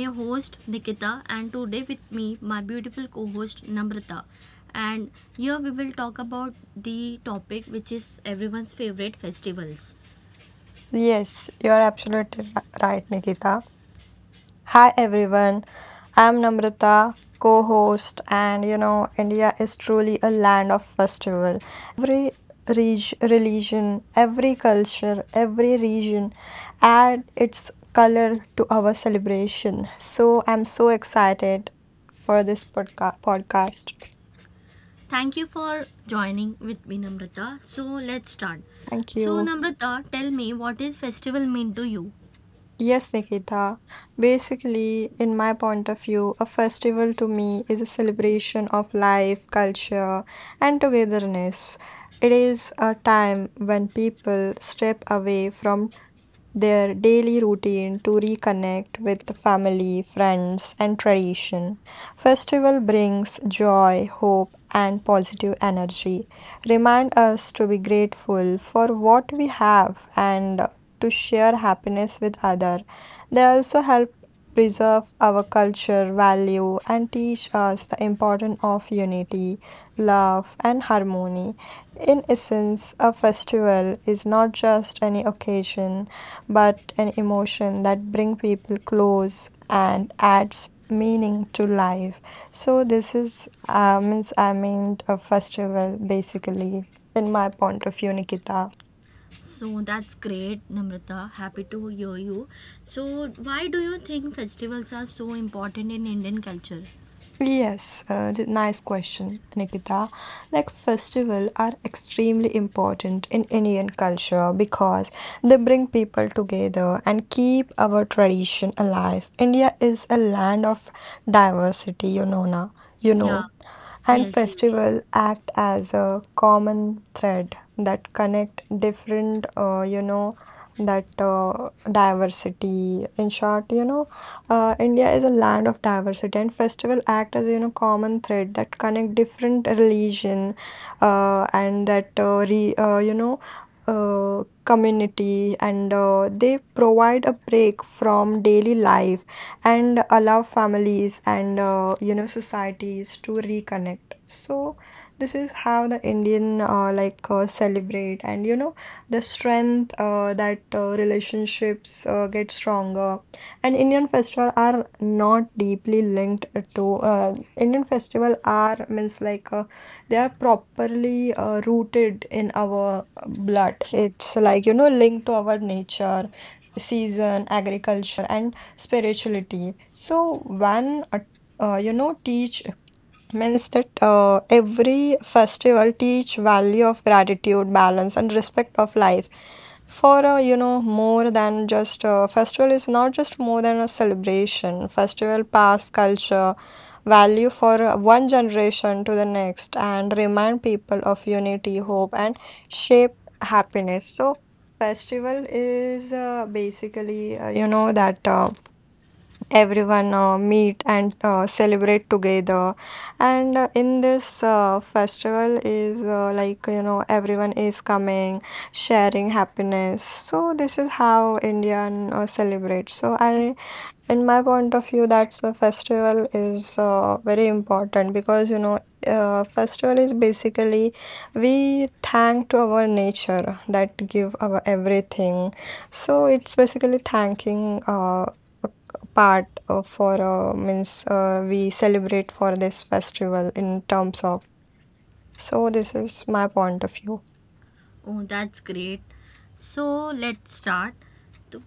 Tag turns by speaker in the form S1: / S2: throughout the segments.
S1: your host Nikita, and today with me, my beautiful co host Namrata. And here we will talk about the topic which is everyone's favorite festivals.
S2: Yes, you're absolutely right, Nikita. Hi, everyone. I'm Namrata, co host, and you know, India is truly a land of festival. Every religion, every culture, every region add its color to our celebration. So I'm so excited for this podcast.
S1: Thank you for joining with me, Namrata. So, let's start.
S2: Thank
S1: So,
S2: you.
S1: Namrata, tell me, what is festival mean to you?
S2: Yes, Nikita. Basically, in my point of view, a festival to me is a celebration of life, culture, and togetherness. It is a time when people step away from their daily routine to reconnect with the family, friends, and tradition. Festival brings joy, hope, and positive energy. Remind us to be grateful for what we have and to share happiness with others. They also help preserve our culture, value, and teach us the importance of unity, love, and harmony. In essence, a festival is not just any occasion but an emotion that bring people close and adds meaning to life. So this is means I mean a festival basically in my point of view, Nikita.
S1: So, that's great, Namrata. Happy to hear you. So, why do you think festivals are so important in Indian culture?
S2: Yes, nice question, Nikita. Like festival are extremely important in Indian culture because they bring people together and keep our tradition alive. India is a land of diversity, you
S1: Yeah,
S2: know, and
S1: yes, yes.
S2: festival act as a common thread that connect different, you know, that diversity. In short, India is a land of diversity, and festival act as you know common thread that connect different religion, and that re, you know community, and they provide a break from daily life and allow families and societies to reconnect. So this is how the Indian like celebrate, and you know the strength that relationships get stronger and indian festival are not deeply linked to indian festival are means like they are properly rooted in our blood. It's like you know linked to our nature, season, agriculture, and spirituality. So when teach means that every festival teach value of gratitude, balance, and respect of life for more than just a festival is not just more than a celebration. Festival pass culture value for one generation to the next and remind people of unity, hope, and shape happiness. So festival is basically you know that everyone meet and celebrate together, and in this festival is like you know everyone is coming sharing happiness. So this is how indian celebrates. So I in my point of view, that's a festival is very important because you know, festival is basically we thank to our nature that give our everything. So it's basically thanking a part for means we celebrate for this festival in terms of. So this is my point of view.
S1: Oh, that's great. So let's start. So,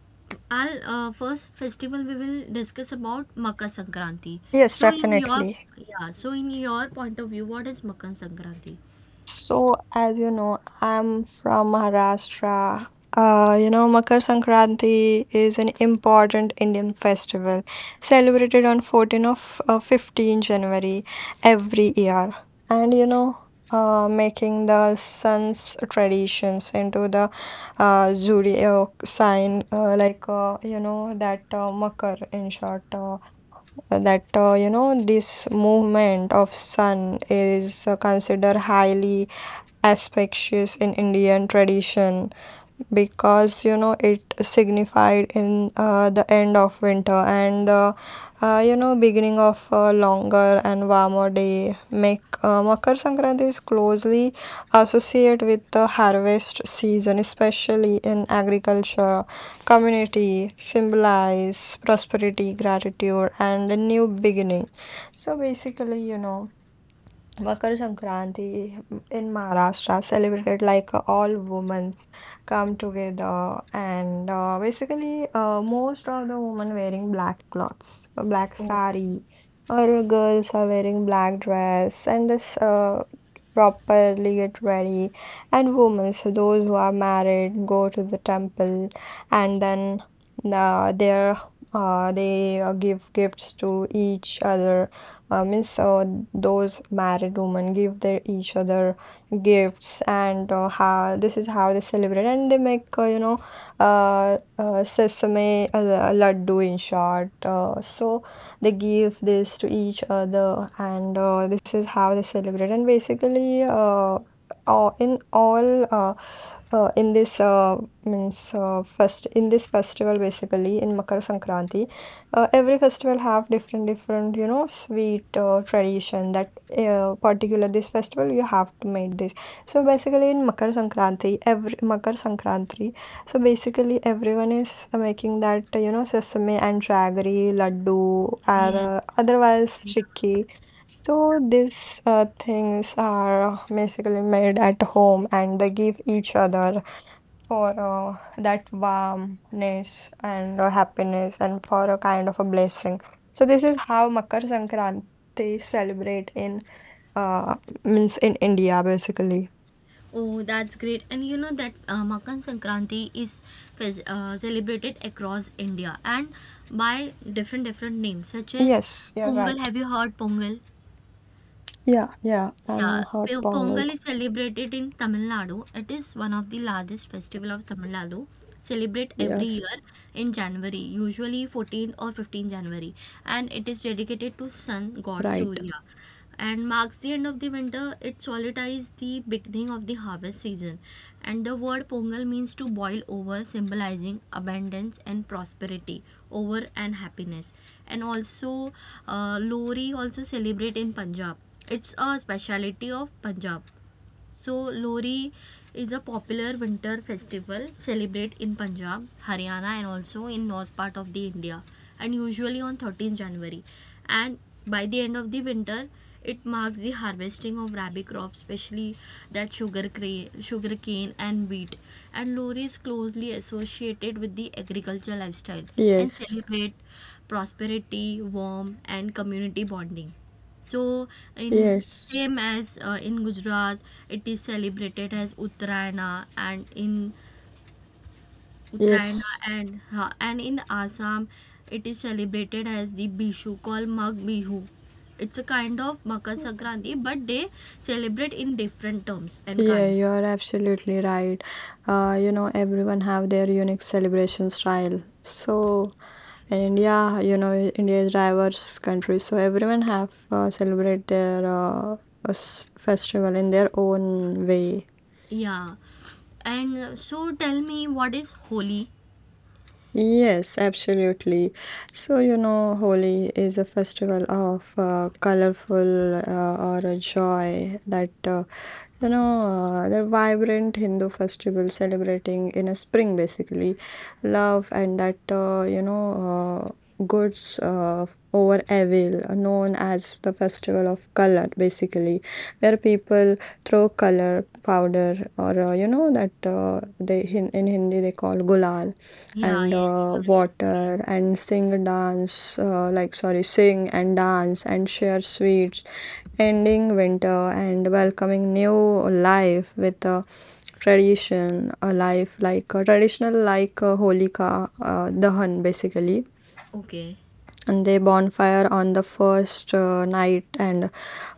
S1: I'll first festival we will discuss about Makar Sankranti.
S2: Yes,
S1: So in your
S2: definitely.
S1: Yeah. So, in your point of view, what is Makar Sankranti?
S2: So, as you know, I'm from Maharashtra. You know, Makar Sankranti is an important Indian festival celebrated on 14 of 15 January every year. And you know, making the sun's traditions into the zodiac sign, you know that Makar in short. That you know this movement of sun is considered highly auspicious in Indian tradition because you know it signified in the end of winter and the you know beginning of a longer and warmer day. Make Makar Sankranti is closely associated with the harvest season, especially in agriculture. Community symbolize prosperity, gratitude, and a new beginning. So basically, you know. Makar Sankranti in Maharashtra celebrated like all women's come together and basically most of the women wearing black clothes, black
S1: Oh,
S2: sari, or girls are wearing black dress and this properly get ready and women. So those who are married go to the temple and then uh, they they give gifts to each other means those married women give their each other gifts, and how this is how they celebrate. And they make sesame laddu in short. So they give this to each other, and this is how they celebrate. And basically all in this means fest in this festival, basically in Makar Sankranti, every festival have different different you know sweet tradition that particular this festival you have to make this. So basically in makar sankranti every makar sankranti, so basically everyone is making that you know sesame and jaggery laddu, or
S1: yes.
S2: otherwise
S1: Yeah.
S2: chikki. So these things are basically made at home and they give each other for that warmness and happiness and for a kind of a blessing. So this is how Makar Sankranti is celebrate in uh means in India basically.
S1: Oh, that's great. And you know that Makar Sankranti is celebrated across India and by different different names, such as
S2: Yes, you're
S1: Pongal.
S2: right.
S1: Have you heard Pongal?
S2: Yeah, yeah, I'm
S1: Yeah,
S2: hot
S1: P-
S2: pongal.
S1: Pongal is celebrated in Tamil Nadu. It is one of the largest festival of Tamil Nadu. Celebrate every
S2: Yes,
S1: year in January, usually 14th or 15th January, and it is dedicated to sun god
S2: right.
S1: Surya. And marks the end of the winter. It solidifies the beginning of the harvest season. And the word Pongal means to boil over, symbolizing abundance and prosperity, over and happiness. And also, Lori also celebrate in Punjab, it's a speciality of Punjab. So Lohri is a popular winter festival celebrated in Punjab, Haryana and also in north part of the India, and usually on 13th January. And by the end of the winter, it marks the harvesting of rabi crops, especially that sugar cane, and wheat, and Lohri is closely associated with the agricultural lifestyle and
S2: Yes,
S1: celebrate prosperity, warmth and community bonding. So in
S2: yes,
S1: same as in Gujarat, it is celebrated as Uttarayana, and in Uttarayana
S2: yes.
S1: and in Assam, it is celebrated as the Bishu called Mag Bihu. It's a kind of Makar Sankranti, but they celebrate in different terms and
S2: Yeah,
S1: kinds.
S2: you are absolutely right. You know, everyone have their unique celebration style. So And India, you know, India is diverse country, so everyone have celebrate their festival in their own way.
S1: Yeah, and so tell me, what is Holi?
S2: Yes, absolutely. So, you know, Holi is a festival of colorful or a joy that the vibrant Hindu festival celebrating in a spring, basically, love and that, goods over evil, known as the festival of color, basically, where people throw color powder or, you know, that they in Hindi they call gulal
S1: Yeah,
S2: and
S1: yes, yes.
S2: water and sing, dance, sing and dance and share sweets, ending winter and welcoming new life with a tradition, a life like a traditional like a Holika Dahan basically,
S1: Okay.
S2: and they bonfire on the first night and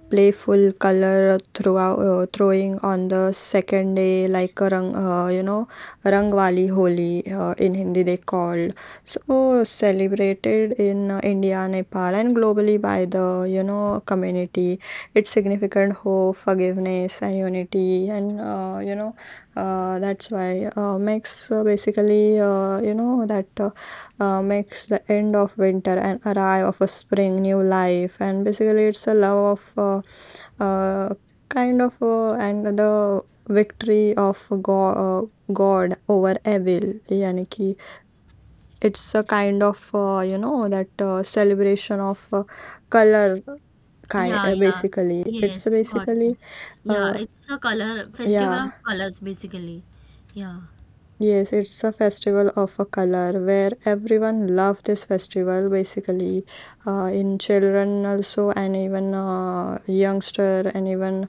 S2: playful color throughout throwing on the second day like a rang, you know rangwali holi in hindi they called. So celebrated in india, nepal, and globally by the you know community. It's significant hope, forgiveness, and unity, and that's why makes basically you know that makes the end of winter and arrive of a spring new life. And basically it's a love of uh, uh, kind of and the victory of god, god over evil, yani ki it's a kind of you know that celebration of color kind
S1: Yeah, yeah.
S2: basically. It's
S1: Yes, got it.
S2: basically
S1: Yeah,
S2: uh,
S1: it's a color festival
S2: yeah.
S1: of colors basically. Yeah,
S2: Yes, it's a festival of a color where everyone love this festival basically. In children also, and even youngster, and even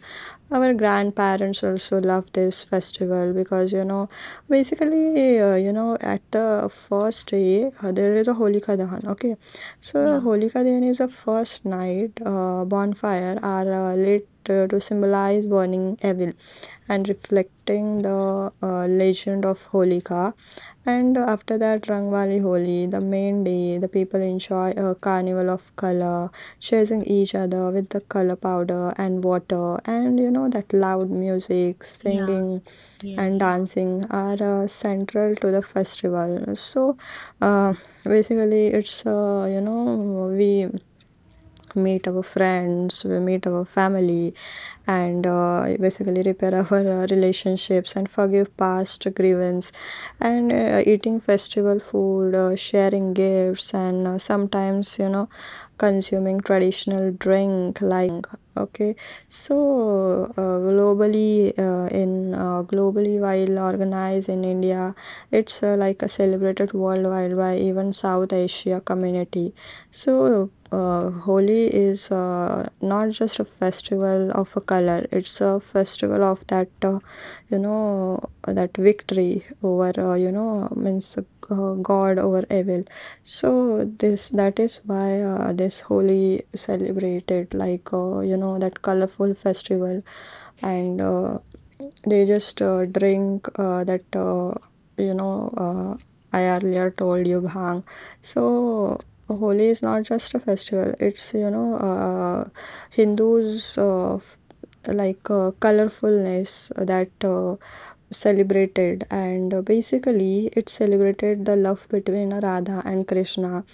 S2: our grandparents also love this festival because you know, basically, you know, at the first day there is a Holika Dahan. Okay, so
S1: yeah,
S2: Holika Dahan is the first night bonfire are lit to symbolize burning evil and reflecting the legend of Holika. And after that, Rangwali Holi, the main day, the people enjoy a carnival of color, chasing each other with the color powder and water. And you know that loud music,
S1: yeah.
S2: singing, and
S1: Yes,
S2: dancing are central to the festival. So, uh, basically, it's you know we meet our friends, we meet our family, and basically repair our relationships and forgive past grievance, and eating festival food, sharing gifts, and sometimes you know consuming traditional drink like bhang. Okay, so in globally while organized in India, it's like a celebrated worldwide by even South Asia community. So. Holi is not just a festival of a color, it's a festival of that you know that victory over you know means god over evil. So this that is why this Holi celebrated like you know that colorful festival, and they just drink that you know I earlier told you bhang. So Holi is not just a festival; it's Hindus colorfulness that celebrated, and basically it celebrated the love between Radha and Krishna,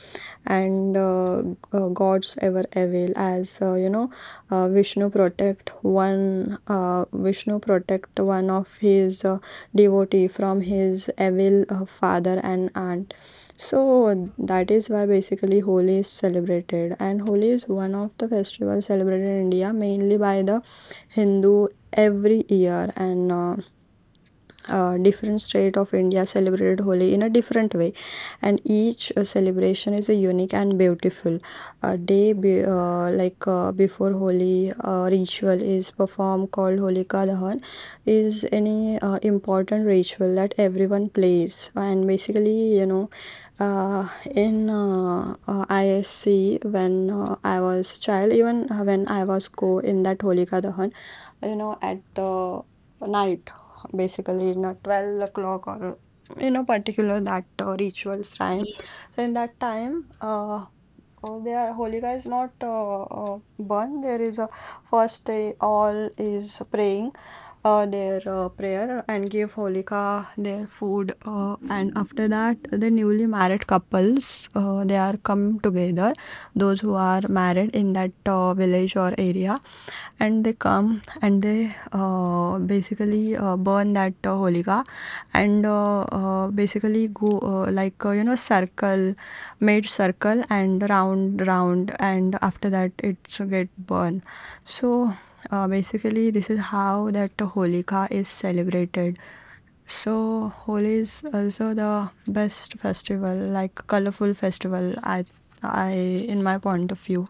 S2: and gods ever avail as vishnu protect one of his devotee from his evil father and aunt. So that is why basically Holi is celebrated, and Holi is one of the festivals celebrated in India, mainly by the Hindu, every year. And different state of India celebrated Holi in a different way, and each celebration is a unique and beautiful a day like before Holi ritual is performed called Holika Dahan, is any important ritual that everyone plays. And basically uh, in isc when I was child, even when I was go in that Holika Dahan, at the night, basically in a 12 o'clock, or in a particular that rituals time. So
S1: yes.
S2: in that time, oh, their Holika is not burned. There is a first they all is praying their prayer and give Holika their food and after that the newly married couples, they are come together, those who are married in that village or area, and they come and they basically burn that Holika, and basically go like circle, made circle and round round, and after that it's get burned. So basically this is how that Holika is celebrated. So Holi is also the best festival, like colorful festival. I in my point of view.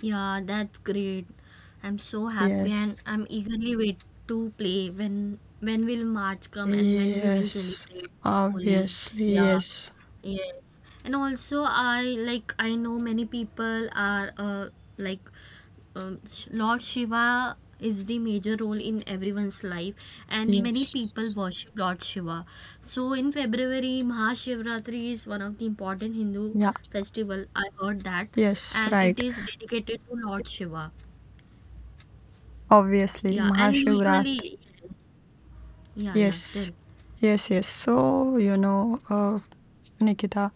S1: Yeah, that's great. I'm so happy and
S2: Yes.
S1: I'm eagerly wait to play when will March come and when we will
S2: Yes,
S1: celebrate Holi.
S2: obviously,
S1: Yeah.
S2: yes,
S1: Yes. And also I know many people are like um, Lord Shiva is the major role in everyone's life, and many people
S2: yes,
S1: worship Lord Shiva. So in February, Mahashivratri is one of the important Hindu
S2: yeah,
S1: festival. I heard that,
S2: yes,
S1: and it
S2: right.
S1: is dedicated to Lord Shiva.
S2: Obviously,
S1: Yeah, and
S2: Mahashivrat.
S1: usually, yeah, yeah, tell,
S2: Yes. Yes, yes. So, Nikita,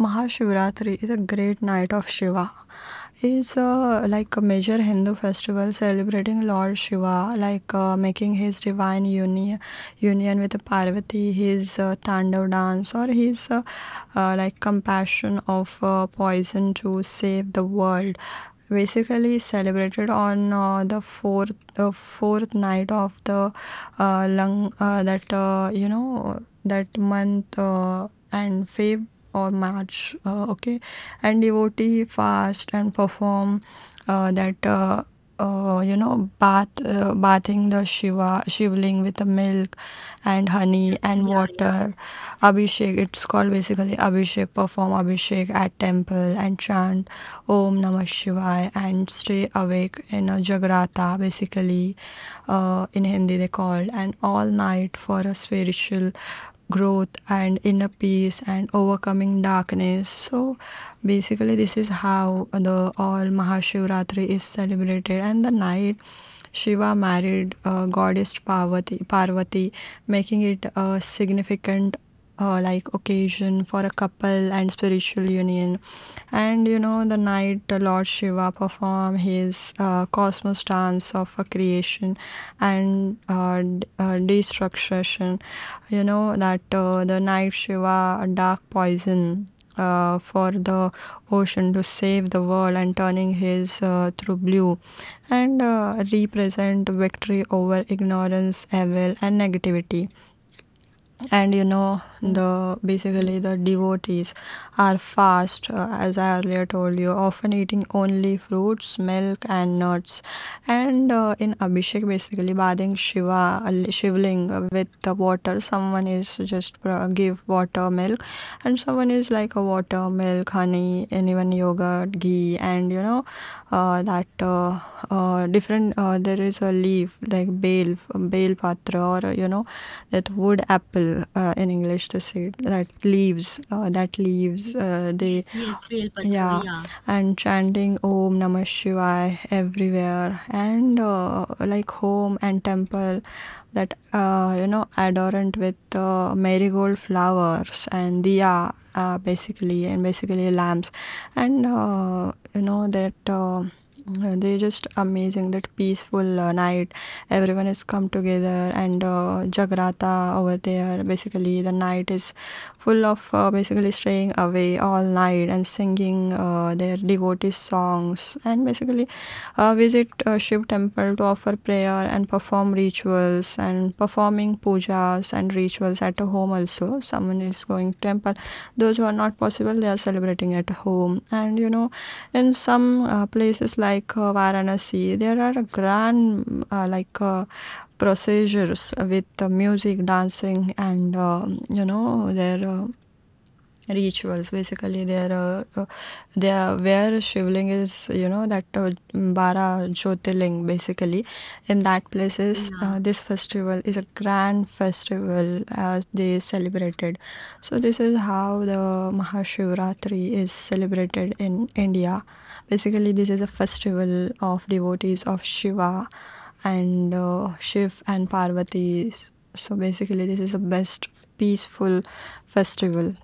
S2: Mahashivratri is a great night of Shiva. It's like a major Hindu festival celebrating Lord Shiva, like making his divine union with Parvati, his Tandav dance, or his like compassion of poison to save the world, basically celebrated on the fourth night of the lung, that you know that month, and Feb or March, okay, and devotee fast and perform that bathing the Shiva Shivling with the milk and honey and
S1: yeah, yeah,
S2: water,
S1: yes,
S2: Abhishek, it's called, basically Abhishek. Perform Abhishek at temple and chant Om Namah Shivaya, and stay awake in a Jagrata, basically in Hindi they called, and all night for a spiritual growth and inner peace and overcoming darkness. So basically this is how the all Mahashivratri is celebrated, and the night Shiva married goddess Parvati, making it a significant like occasion for a couple and spiritual union. And you know, the night the Lord Shiva performed his cosmos dance of a creation and destruction. You know that the night Shiva, a dark poison. For the ocean to save the world, and turning his through blue and represent victory over ignorance, evil, and negativity. And
S1: oh,
S2: the basically the
S1: yes,
S2: devotees are fast, as I earlier told you, often eating only fruits, milk, and nuts, and in Abhishek, basically bathing Shiva Shivling with the water. Someone is just give water milk, and someone is like a water milk honey and even yogurt ghee, and you know that different there is a leaf like bale bale patra, or that wood apple, in English to say it, that leaves they
S1: yes, Belpatra,
S2: yeah,
S1: yeah,
S2: and chanting Om Namah Shivaya everywhere, and like home and temple that adorned with marigold flowers and diya, basically and basically lamps, and you know that they just amazing that peaceful night. Everyone is come together, and Jagrata over there. Basically the night is full of basically staying away all night and singing their devotee songs, and basically visit a Shiv temple to offer prayer and perform rituals, and performing pujas and rituals at a home also. Someone is going to temple. Those who are not possible, they are celebrating at home. And you know, in some places like Varanasi, there are a grand procedures with the music, dancing, and there. Rituals basically, there are there where Shivling is, you know that bara jyotirling. Basically in that places,
S1: yeah,
S2: this festival is a grand festival as they celebrated. So this is how the Mahashivratri is celebrated in India. Basically this is a festival of devotees of Shiva and Shiv and Parvati. So basically this is the best peaceful festival.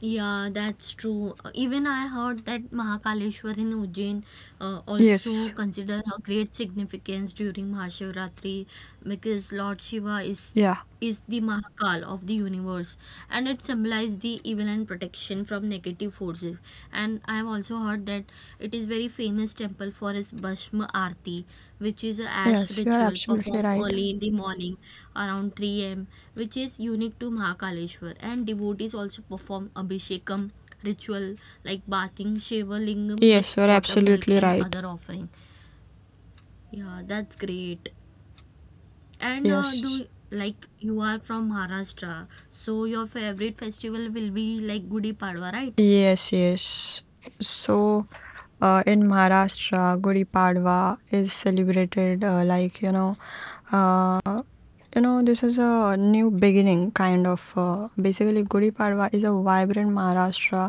S1: yeah, that's true. Even I heard that Mahakaleshwar in Ujjain also
S2: Yes.
S1: consider a great significance during Mahashivratri, because Lord Shiva is
S2: Yeah.
S1: is the Mahakal of the universe and it symbolizes the evil and protection from negative forces. And I have also heard that it is very famous temple for its Bhasma Aarti, which is a ash
S2: Yes, you are
S1: ritual
S2: absolutely
S1: performed
S2: right.
S1: early in the morning around 3 a.m., which is unique to Mahakaleshwar. And devotees also perform Abhishekam ritual, like bathing Shiva Lingam with
S2: Yes, you're
S1: water, milk,
S2: absolutely
S1: and
S2: right.
S1: other offering. Yeah, that's great. And
S2: Yes.
S1: do, like, you are from Maharashtra, so your favorite festival will be like Gudi Padwa, right?
S2: Yes, yes. So in Maharashtra, Gudi Padwa is celebrated like, uh, this is a new beginning kind of. Basically, Gudi Padwa is a vibrant Maharashtra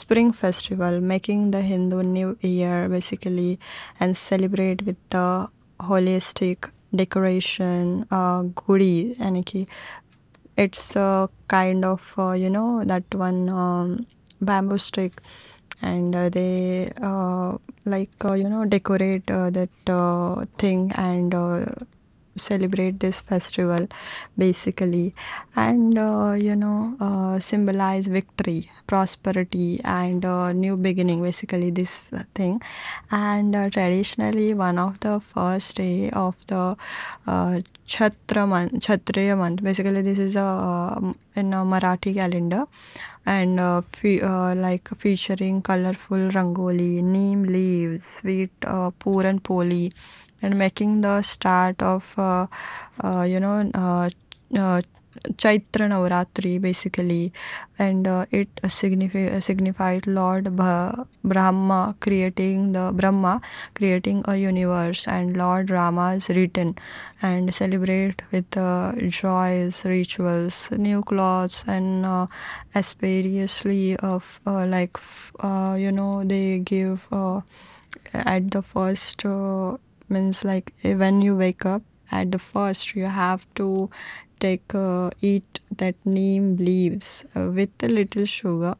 S2: spring festival, making the Hindu New Year basically, and celebrate with the holistic decoration, Gudi, yani ki it's a kind of that one, bamboo stick, and they decorate that thing and celebrate this festival basically, and symbolize victory, prosperity, and new beginning. Basically, this thing, and traditionally, one of the first day of the uh, Chhatra month, Kshatriya month. Basically, this is a in a Marathi calendar, and like featuring colorful rangoli, neem leaves, sweet poor poli, and making the start of uh, you know uh, uh, Chaitra Navratri, basically, and it signified Lord Bha Brahma creating the Brahma creating a universe, and Lord Rama's return, and celebrate with joys, rituals, new clothes, and aspiriously of they give. At the first, means like, when you wake up at the first you have to take eat that neem leaves with a little sugar,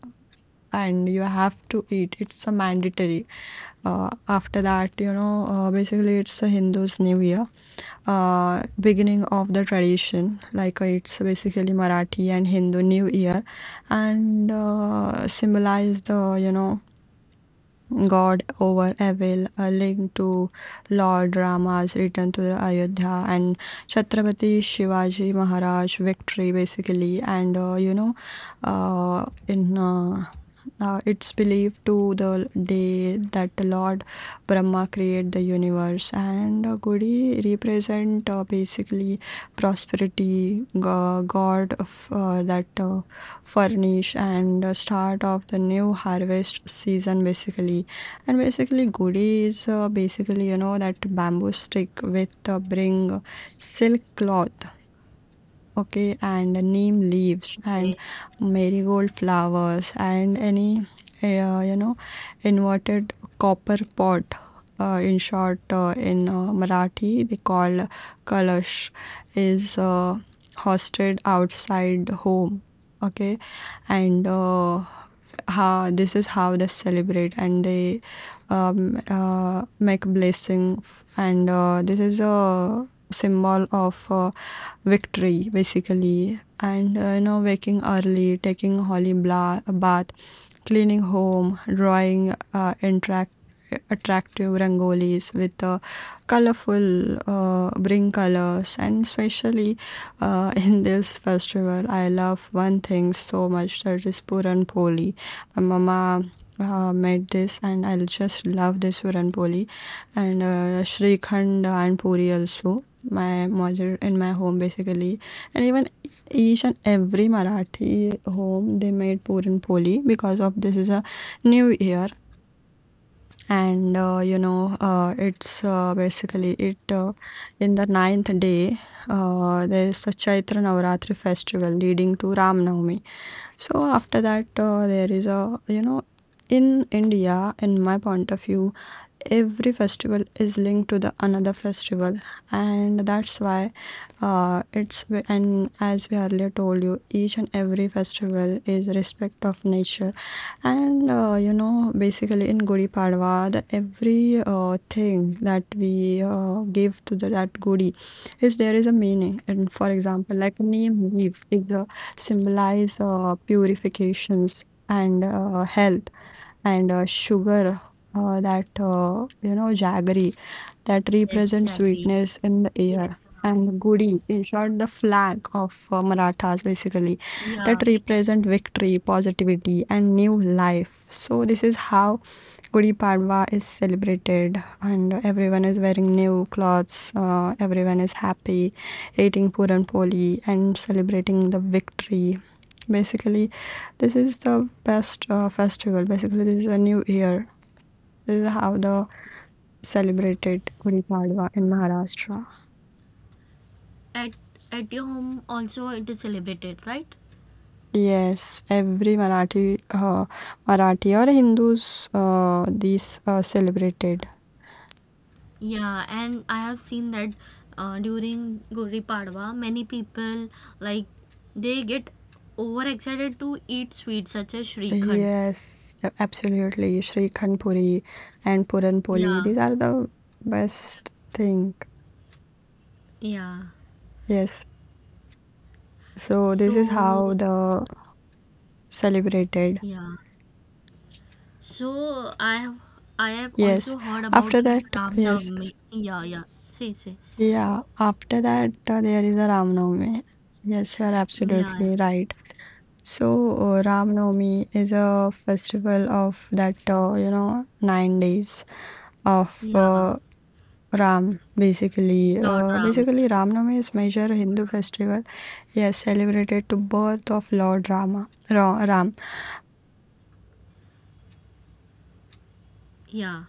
S2: and you have to eat, it's a mandatory. After that, basically it's a Hindu's new year beginning of the tradition, like it's basically Marathi and Hindu new year, and symbolize the God over evil, a link to Lord Rama's return to Ayodhya, and Chhatrapati Shivaji Maharaj victory basically, and you know in it's believed to the day that the Lord Brahma created the universe, and Gudi represent basically prosperity, God of that furnish, and start of the new harvest season, basically. And basically, Gudi is basically you know that bamboo stick with bring silk cloth. Okay, and neem leaves and
S1: Okay.
S2: marigold flowers, and any uh, you know inverted copper pot. In short, in Marathi, they call kalash, is hosted outside home. Okay, and how this is how they celebrate, and they make blessing, and this is a symbol of victory basically, and waking early, taking holy bath, cleaning home, drawing interact attractive rangolis with colorful bring colors, and especially in this festival I love one thing so much, that is puran poli. My mama made this, and I just love this puran poli, and shrikhand and puri also my mother in my home basically, and even each and every Marathi home they made puran poli because of this is a new year, and it's basically it in the ninth day, there is a Chaitra Navaratri festival leading to Ram Navami. So after that, there is a you know, in India, in my point of view, every festival is linked to the another festival, and that's why it's and as we earlier told you, each and every festival is respect of nature. And basically in Gudi Padwa, the every thing that we give to the, that Gudi, is, there is a meaning, and for example, like neem leaf is a symbolize purifications and health, and sugar, that you know jaggery that
S1: Yes,
S2: represents
S1: I agree.
S2: sweetness in the air. Yes. And Gudi, in short, the flag of Marathas basically,
S1: Yeah.
S2: that represent victory, positivity, and new life. So this is how Gudi Padwa is celebrated, and everyone is wearing new clothes. Everyone is happy, eating puran poli, and celebrating the victory. Basically, this is the best festival. Basically, this is a new year. This is how the celebrated Gudi Padwa in Maharashtra.
S1: at at your home also it is celebrated, right?
S2: Yes, every Marathi or Hindus, these are celebrated.
S1: Yeah. And I have seen that during Guri Padwa many people, like, they get overexcited to eat sweets such as shrikhand.
S2: Yes, absolutely. Srikhand Puri and Puran Poli,
S1: Yeah,
S2: these are the best thing.
S1: yeah.
S2: Yes. So this is how
S1: So
S2: the celebrated.
S1: yeah, so I have
S2: Yes.
S1: also heard
S2: After
S1: about
S2: that,
S1: Ram
S2: yes.
S1: Navami. Yeah, yeah, say,
S2: Yeah. After that, there is a Ram Navami. Yes, you are
S1: yeah,
S2: absolutely right. So Ram Navami is a festival of that 9 days of
S1: yeah,
S2: Ram, basically.
S1: Lord Ram, yes,
S2: Ramnami is major Hindu festival. Yes, celebrated to birth of Lord Rama, Ram.
S1: yeah,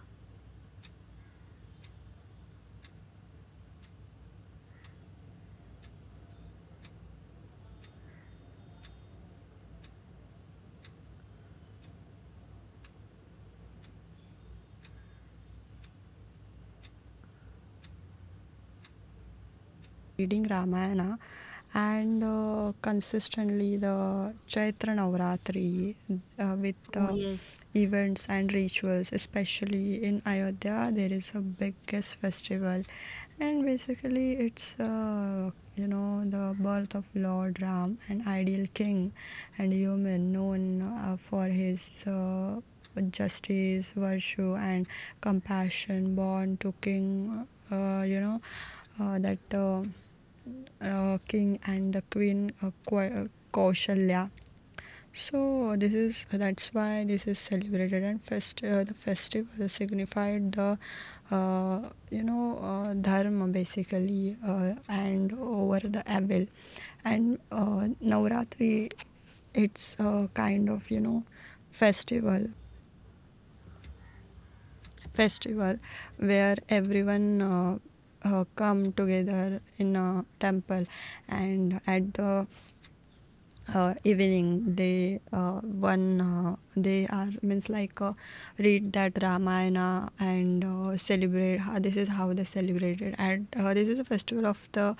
S2: Reading Ramayana and consistently the Chaitra Navratri with
S1: oh, yes.
S2: events and rituals, especially in Ayodhya, there is a biggest festival, and basically it's the birth of Lord Ram, an ideal king and human known for his. Justice virtue and compassion, born to king you know that king and the queen Kaushalya. So this is that's why this is celebrated, and fest the festival signified the, dharma, basically, and over the evil. And Navratri, it's a kind of, festival festival, where everyone, come together in a temple, and at the evening they, one, they are means like, read that ramayana and celebrate. How this is how they celebrated. And this is a festival of the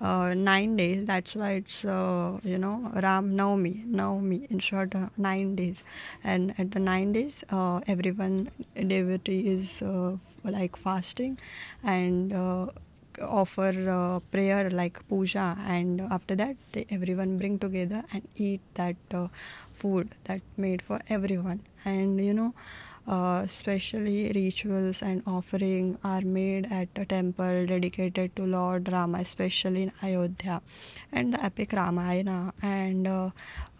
S2: 9 days, that's why it's, ram navami in short, 9 days. And at the 9 days, everyone devotee is, like fasting and offer prayer like puja. And after that they, everyone bring together and eat that food that made for everyone. And especially rituals and offering are made at a temple dedicated to Lord Rama, especially in Ayodhya, and the epic Ramayana, and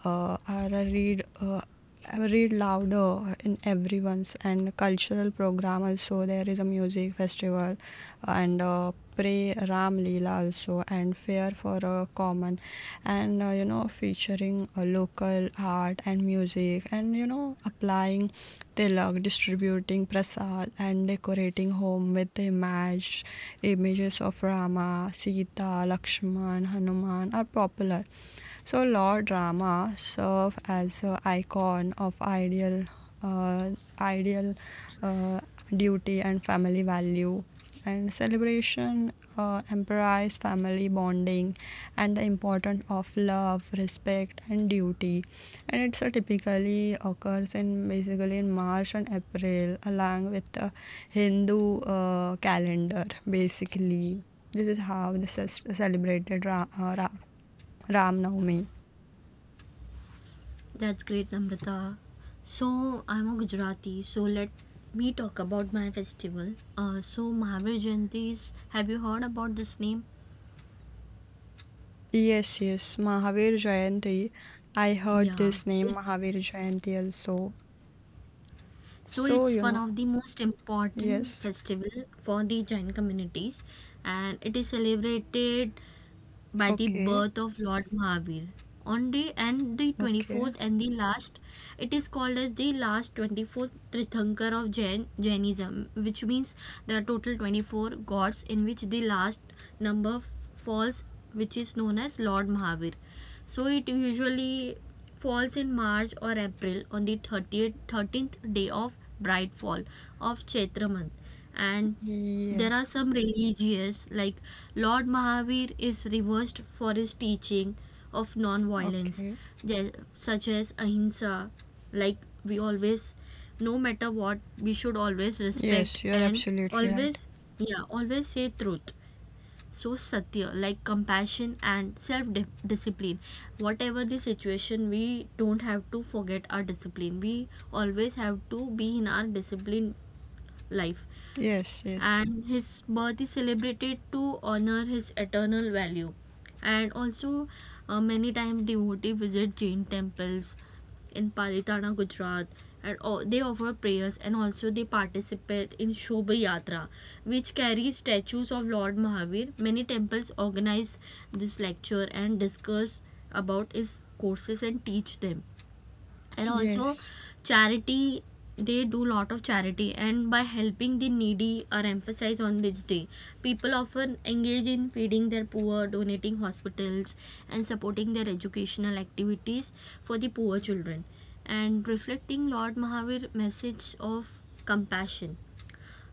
S2: are read read louder in everyone's. And cultural program also, there is a music festival, and pray Ram Leela also, and fair for a common, and featuring local art and music, and applying they love distributing prasad and decorating home with the image. Images of Rama, Sita, Lakshman, Hanuman are popular. So Lord Rama serve as an icon of ideal, uh, ideal uh, duty and family value. And celebration emphasize family bonding and the importance of love, respect, and duty. And it's typically occurs in, basically, in March and April along with the Hindu calendar. Basically this is how this is celebrated, Ram Navami.
S1: That's great, Namrata. So, I'm a Gujarati, so let me talk about my festival. So, Mahavir Jayanti is, have you heard about this name?
S2: Yes, yes, Mahavir Jayanti, I heard
S1: Yeah.
S2: this name,
S1: It,
S2: Mahavir Jayanti also.
S1: so,
S2: So
S1: it's
S2: you
S1: one
S2: know,
S1: of the most important
S2: yes,
S1: festival for the Jain communities and it is celebrated by the
S2: okay,
S1: birth of Lord Mahavir. On the
S2: okay,
S1: 24th and the last, it is called as the last 24th Trithankar of Jainism, which means there are total 24 gods in which the last number falls, which is known as Lord Mahavir. So it usually falls in March or April on the 30th, 13th day of bright fall of Chaitra month, and there are
S2: yes,
S1: some religious, like Lord Mahavir is reversed for his teaching of non-violence,
S2: okay,
S1: such as ahimsa. Like, we always, no matter what, we should always respect
S2: yes, you're
S1: and
S2: absolutely right,
S1: always, yeah, always say truth. So satya, like compassion and self-discipline. Whatever the situation, we don't have to forget our discipline. We always have to be in our discipline life,
S2: yes, yes,
S1: and his birth is celebrated to honor his eternal value. And also, many times devotees visit Jain temples in Palitana, Gujarat, and they offer prayers and also they participate in Shobha Yatra, which carries statues of Lord Mahavir. Many temples organize this lecture and discuss about his courses and teach them. And also
S2: yes.
S1: charity, they do lot of charity, and by helping the needy are emphasized on this day. People often engage in feeding their poor, donating hospitals and supporting their educational activities for the poor children, and reflecting Lord Mahavir message of compassion.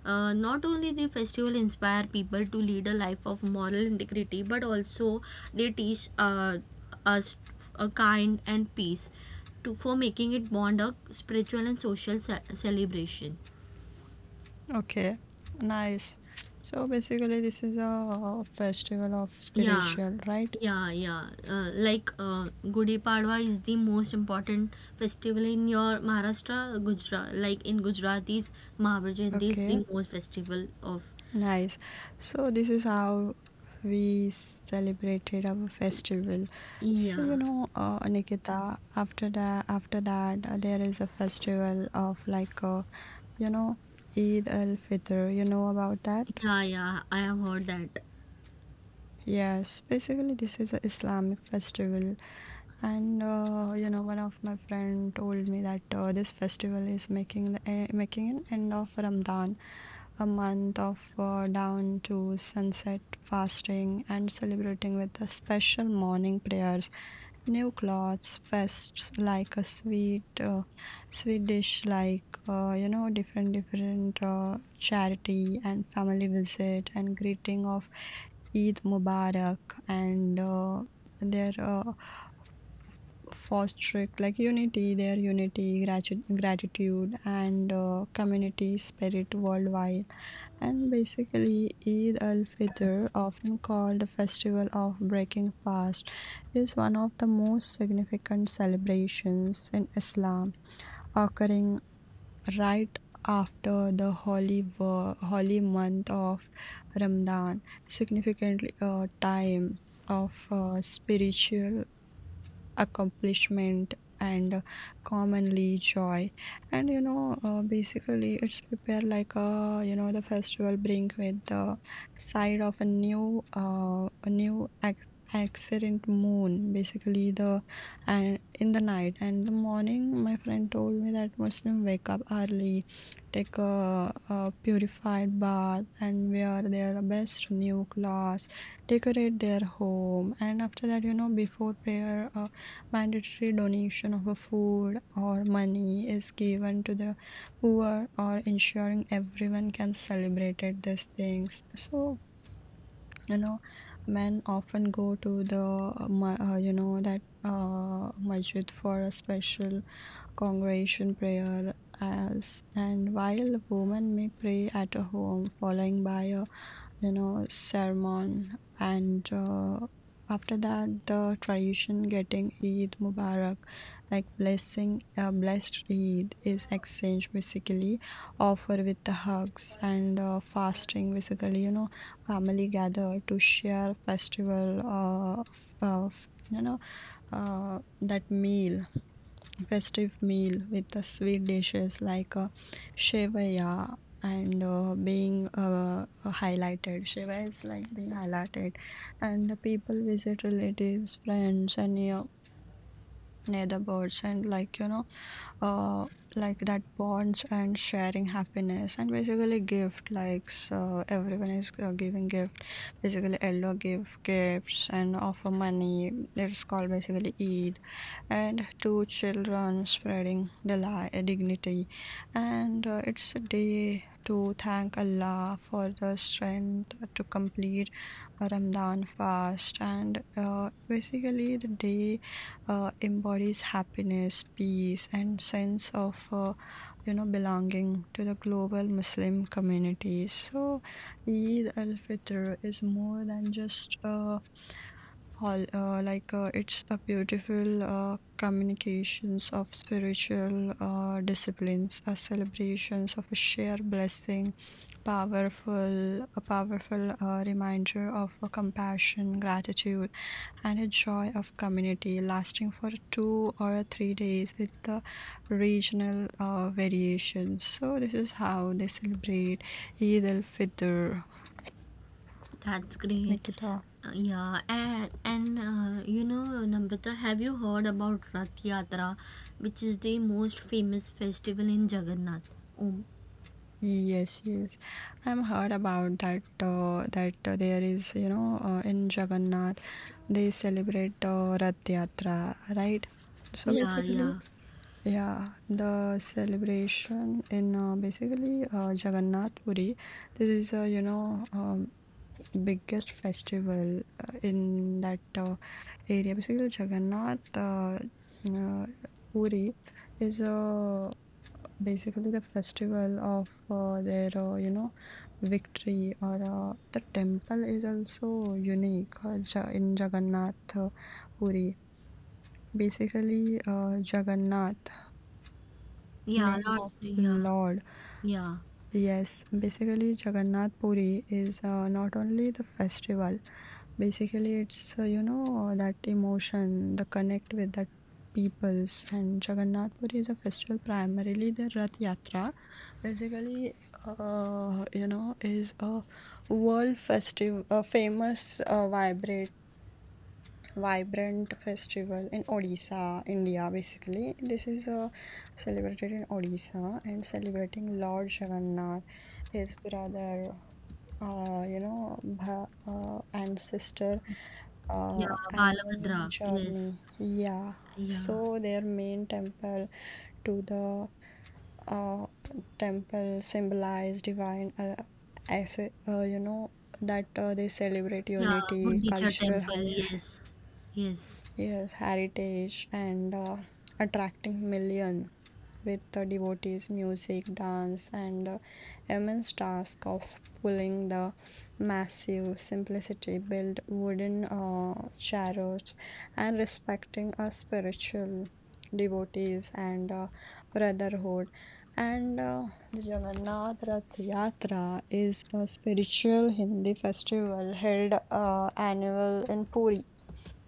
S1: Not only the festival inspire people to lead a life of moral integrity, but also they teach us a kind and peace to, for making it bond a spiritual and social celebration.
S2: Okay, nice. So basically, this is a festival of
S1: Yeah,
S2: spiritual, right?
S1: yeah, yeah. Like, Gudi Padwa is the most important festival in your Maharashtra. Gujarat, like in Gujaratis, Mahavir Jayanti is the
S2: Okay,
S1: most festival of.
S2: nice. So this is how we celebrated our festival. So
S1: Yeah,
S2: Nikita, after that, there is a festival of like, you know, Eid al Fitr. You know about that?
S1: yeah, yeah, I have heard that.
S2: Yes, basically this is an Islamic festival, and one of my friend told me that this festival is making the eh, making an end of Ramadan, a month of down to sunset fasting and celebrating with the special morning prayers, new clothes, fests like a sweet sweet dish, like different charity and family visit and greeting of Eid Mubarak, and their uh, fostering like unity, their unity, gratitude, and community spirit worldwide. And basically, Eid al Fitr, often called the festival of breaking fast, is one of the most significant celebrations in Islam, occurring right after the holy month of Ramadan, significantly a time of spiritual accomplishment and commonly joy, and basically it's prepared like, a the festival bring with the side of a new excellent moon, basically, the, and in the night and the morning my friend told me that Muslim wake up early, take a purified bath and wear their best new clothes, decorate their home, and after that, you know, before prayer, mandatory donation of food or money is given to the poor, or ensuring everyone can celebrate these things. So, you know, men often go to the, uh, that masjid for a special congregation prayer, as, and while women may pray at home, following by a sermon. And after that, the tradition getting Eid Mubarak like blessing, blessed Eid, is exchange, basically offer with the hugs and fasting. Basically, you know, family gather to share festival, uh, that meal festive meal with the sweet dishes like shevaya, and being highlighted, shevaya is like being highlighted. And the people visit relatives, friends, and near the birds, and like, uh like that, bonds and sharing happiness. And basically gift likes, everyone is giving gift, basically elder give gifts and offer money, it's called basically Eid, and two children spreading the lie, dignity, and it's a day to thank Allah for the strength to complete a Ramadan fast. And basically the day embodies happiness, peace, and sense of, belonging to the global Muslim community. So Eid al Fitr is more than just, all like it's a beautiful communications of spiritual disciplines, celebrations of a shared blessing, powerful reminder of compassion, gratitude, and a joy of community lasting for 2 or 3 days with the regional variations. So this is how they celebrate Eid al-Fitr,
S1: That's great.
S2: Nikita.
S1: Yeah, and you know, Namrata, have you heard about Rath Yatra, which is the most famous festival in Jagannath? Oh,
S2: Yes, yes. I'm heard about that, there is, you know, in Jagannath they celebrate Rath Yatra, right? So
S1: yeah,
S2: basically,
S1: yeah,
S2: yeah, the celebration in, basically Jagannath Puri, this is biggest festival in that area. Basically, Jagannath uh, Puri is a basically the festival of, their you know victory, or the temple is also unique, in Jagannath Puri. Basically, Jagannath,
S1: yeah,
S2: name
S1: Lord,
S2: of
S1: yeah,
S2: Lord.
S1: yeah,
S2: Yes, basically Jagannath Puri is not only the festival. Basically, it's that emotion, the connect with that peoples, and Jagannath Puri is a festival, primarily the Rath Yatra. Basically, is a world festive, a famous vibrate vibrant festival in Odisha, India. Basically, this is celebrated in Odisha and celebrating Lord Jagannath, his brother, and sister,
S1: yeah,
S2: animal
S1: Balabhadra, yes,
S2: journey. Yeah,
S1: yeah,
S2: so their main temple, to the uh, temple symbolize divine, as uh, you know that they celebrate
S1: yeah,
S2: unity,
S1: Gundicha
S2: cultural,
S1: temple, yes, yes,
S2: yes, heritage, and attracting millions with the devotees' music, dance, and the immense task of pulling the massive, simplicity built wooden chariots, and respecting a spiritual devotees, and brotherhood. And the Jagannath Rath Yatra is a spiritual Hindi festival held annual in Puri,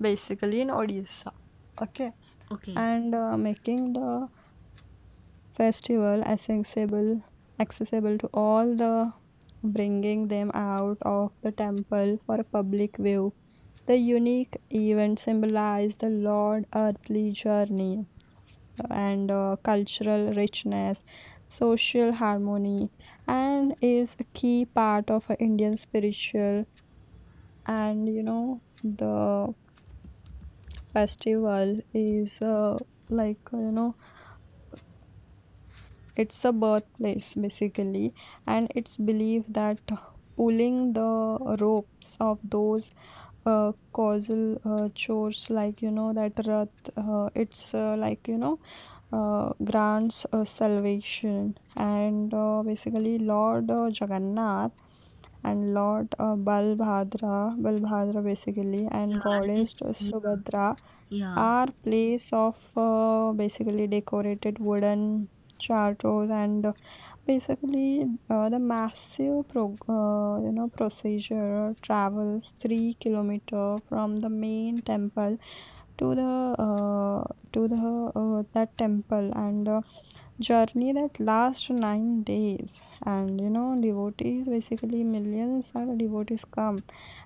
S2: basically in Odisha. Okay.
S1: okay,
S2: And making the festival accessible, accessible to all, the bringing them out of the temple for a public view, the unique event symbolized the lord earthly journey, and cultural richness, social harmony, and is a key part of a Indian spiritual. And you know, the festival is like uh, you know it's a birthplace, basically. And it's believed that pulling the ropes of those causal chores, like you know, that Rath, it's grants salvation. And basically Lord Jagannath and Lord Balbhadra basically,
S1: yeah,
S2: and
S1: and
S2: goddess
S1: it's,
S2: Subhadra,
S1: yeah,
S2: are place of basically decorated wooden charters. And basically the massive procedure travels 3 km from the main temple to the uh, to the that temple, and the journey that lasts 9 days. And you know, devotees basically, millions of devotees come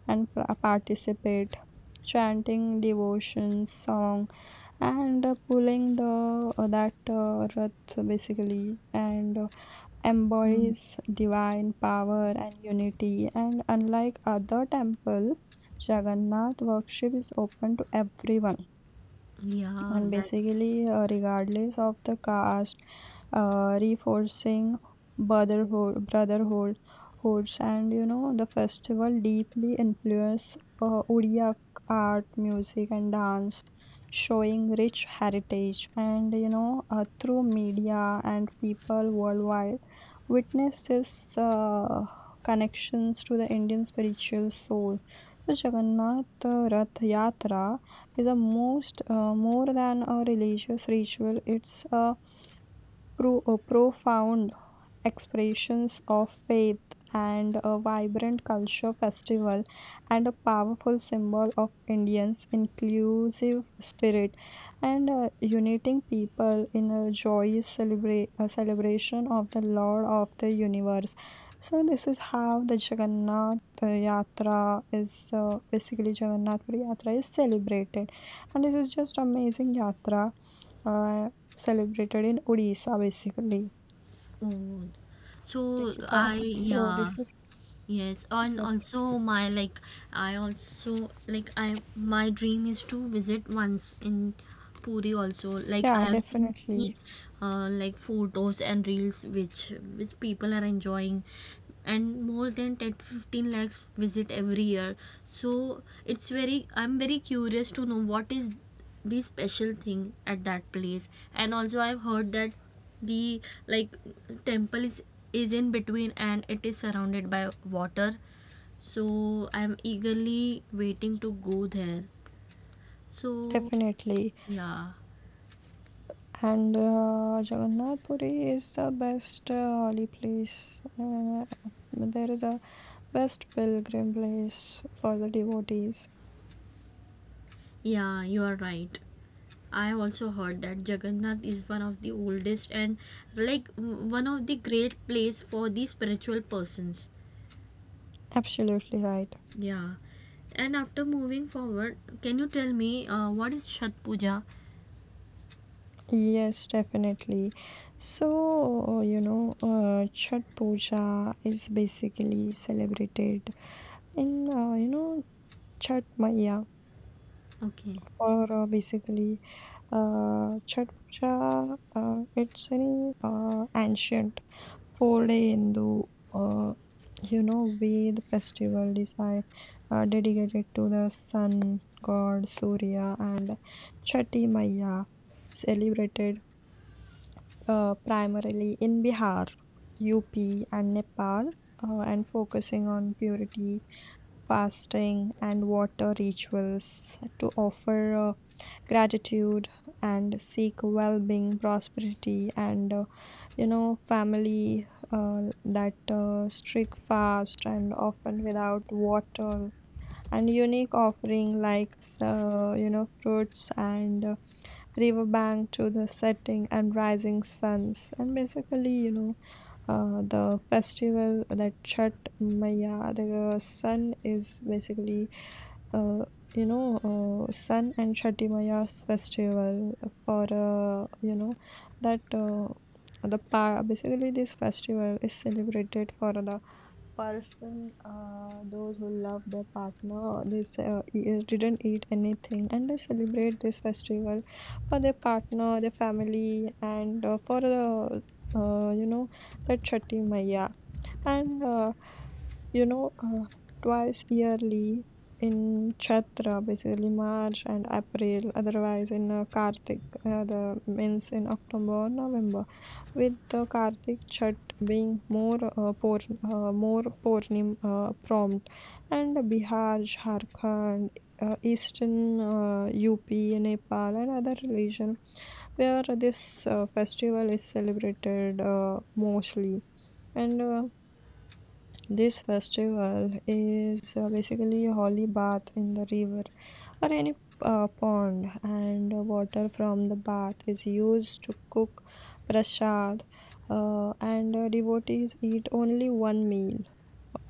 S2: and participate, chanting devotions song and pulling the that rath basically. And
S1: mm,
S2: embodies divine power and unity, and unlike other temple, Jagannath worship is open to everyone,
S1: yeah,
S2: and
S1: that's,
S2: basically, regardless of the caste, reinforcing brotherhood, and you know, the festival deeply influenced Odia art, music, and dance, showing rich heritage. And you know, through media and people worldwide, witness this uh, connections to the Indian spiritual soul. So Jagannath Rath Yatra is a most more than a religious ritual. It's a profound expressions of faith and a vibrant culture festival and a powerful symbol of Indians' inclusive spirit, and uniting people in a joyous celebration of the Lord of the Universe. So this is how the Jagannath Yatra is, basically Jagannath Puri Yatra is celebrated, and this is just amazing yatra uh, celebrated in Odisha basically.
S1: oh, so
S2: Nikita.
S1: I,
S2: So
S1: yeah.
S2: this is,
S1: Yes, and
S2: yes,
S1: also my, like, I also like I, my dream is to visit once in Puri also. Like,
S2: yeah,
S1: I have seen many
S2: definitely,
S1: like photos and reels, which people are enjoying, and more than 10 to 15 lakhs visit every year. So it's very, I'm very curious to know what is the special thing at that place. And also I've heard that the, like, temple is in between and it is surrounded by water, so I'm eagerly waiting to go there. So
S2: definitely.
S1: yeah,
S2: And Jagannath Puri is the best holy place. There is a best pilgrim place for the devotees.
S1: yeah, you are right. I also heard that Jagannath is one of the oldest and, like, one of the great place for the spiritual persons.
S2: Absolutely right.
S1: Yeah. And after moving forward, can you tell me, what is Shat Puja?
S2: Yes, definitely. So, Chhat Puja is basically celebrated in, Chhat Maiya,
S1: Okay.
S2: for basically Chhath Puja. It's an ancient four-day Hindu, uh, Ved festival, desi dedicated to the sun god Surya and Chhati Maiya, celebrated primarily in Bihar, UP, and Nepal. And focusing on purity, fasting, and water rituals to offer gratitude and seek well-being, prosperity, and family that strict fast and often without water, and unique offering like fruits, and river bank to the setting and rising suns. And basically, you know, the festival, that Chhat Maya, the sun is basically, uh, sun and Chhati Maya's festival for, that, basically this festival is celebrated for the person, those who love their partner, they didn't eat anything, and they celebrate this festival for their partner, their family, and for the uh, you know that Chatti Maya. And uh, you know, uh, Twice yearly in Chaitra, basically March and April, otherwise in Kartik, the means in October, November, with the Kartik Chat being more pour, more Purnim prompt, and Bihar, Jharkhand, Eastern UP, Nepal, and other religion where this festival is celebrated mostly. And this festival is basically a holy bath in the river or any pond, and water from the bath is used to cook prasad. And devotees eat only one meal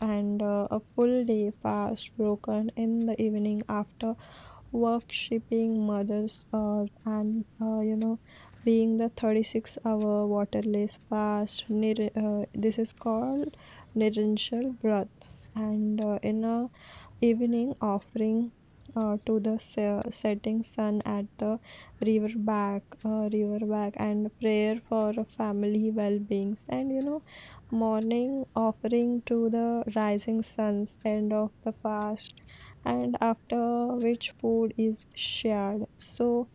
S2: and a full day fast broken in the evening after worshipping mothers and you know being the 36-hour waterless fast this is called nirishal Vrat and in a evening offering to the setting sun at the river back and prayer for family well-beings and, morning offering to the rising suns end of the fast and after which food is shared. So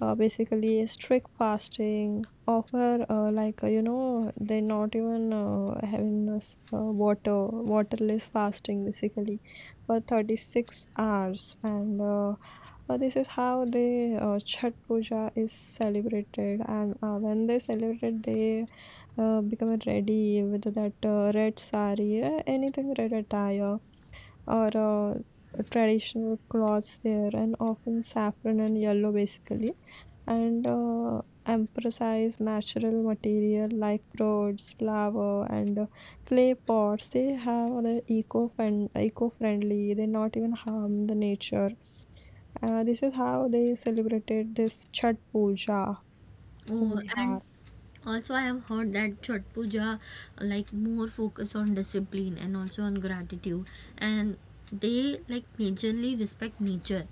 S2: basically strict fasting offer, they're not even having us water, waterless fasting basically for 36 hours. And this is how they Chhat Puja is celebrated. And when they celebrate they become ready with that red sari, anything red attire or traditional cloths there, and often saffron and yellow basically. And emphasize natural material like fruits, flower, and clay pots. They have the eco friendly, they not even harm the nature. This is how they celebrated this Chhat Puja
S1: Oh,
S2: in
S1: and
S2: Bihar.
S1: also I have heard that Chhat Puja, like, more focus on discipline and also on gratitude, and they, like, majorly respect nature,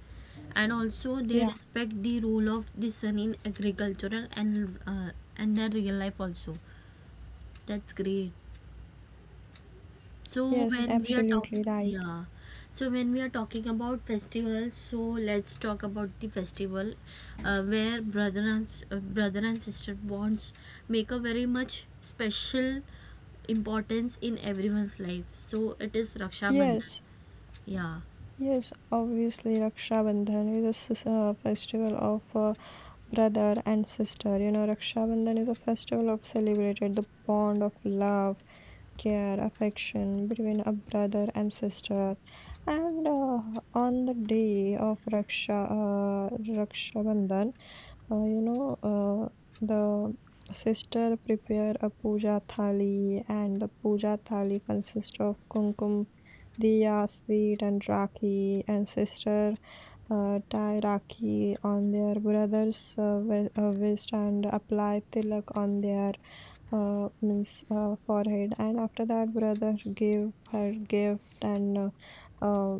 S1: and also they
S2: Yeah,
S1: respect the role of the sun in agricultural, and their real life also. That's great. So
S2: yes,
S1: when we, mhm, are
S2: absolutely
S1: talking,
S2: right.
S1: yeah. So when we are talking about festivals, so let's talk about the festival where brother and brother and sister bonds make a very much special importance in everyone's life. So it is Raksha Bandhan.
S2: Yes,
S1: Yeah.
S2: yes, obviously Raksha Bandhan is a festival of brother and sister. You know, Raksha Bandhan is a festival of celebrated the bond of love, care, affection between a brother and sister. And on the day of Raksha Bandhan, uh, you know, uh, the sister prepare a puja thali, and the puja thali consists of kumkum, diya, sweet, and rakhi. And sister tie rakhi on their brother's waist and apply tilak on their means forehead, and after that brother gave her gift and uh,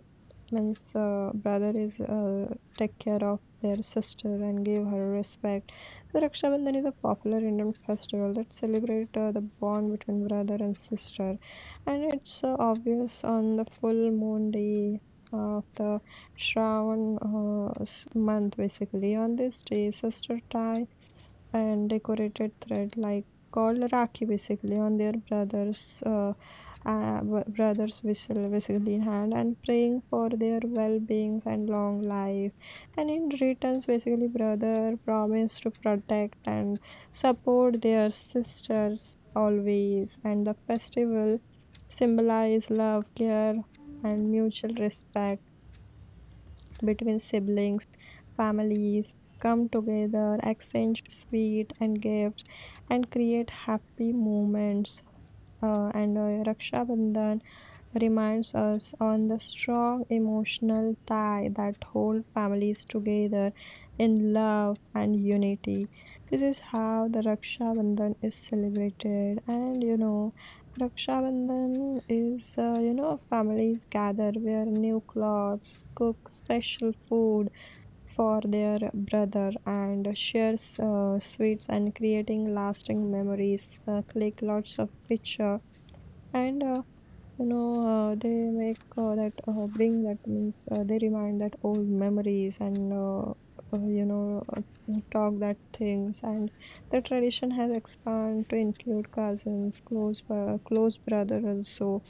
S2: means brother is take care of their sister and give her respect. So Raksha Bandhan is a popular Indian festival that celebrates the bond between brother and sister, and it's obvious on the full moon day of the Shravan month basically. On this day, sister tie and decorated thread like called Rakhi basically on their brother's whistle basically in hand and praying for their well-beings and long life. And in returns, basically brother promised to protect and support their sisters always. And the festival symbolize love, care, and mutual respect between siblings. Families come together, exchange sweet and gifts, and create happy moments. And Raksha Bandhan reminds us on the strong emotional tie that hold families together in love and unity. This is how the Raksha Bandhan is celebrated. And you know, Raksha Bandhan is, families gather, wear new clothes, cook special food for their brother, and share sweets and creating lasting memories. Click lots of picture. And they make that bring that means they remind that old memories and uh, you know uh, talk that things. And the tradition has expanded to include cousins, close brother also.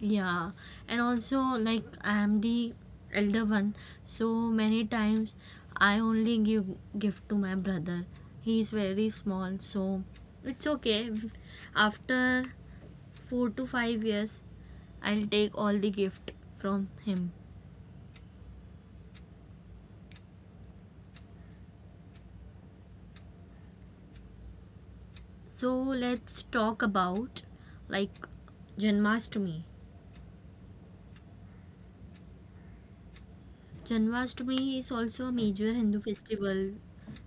S1: Yeah, and also, like, I am the elder one, so many times I only give gift to my brother. He is very small, so it's okay. After 4 to 5 years, I'll take all the gift from him. So let's talk about, like, Janmashtami. Janmashtami is also a major Hindu festival.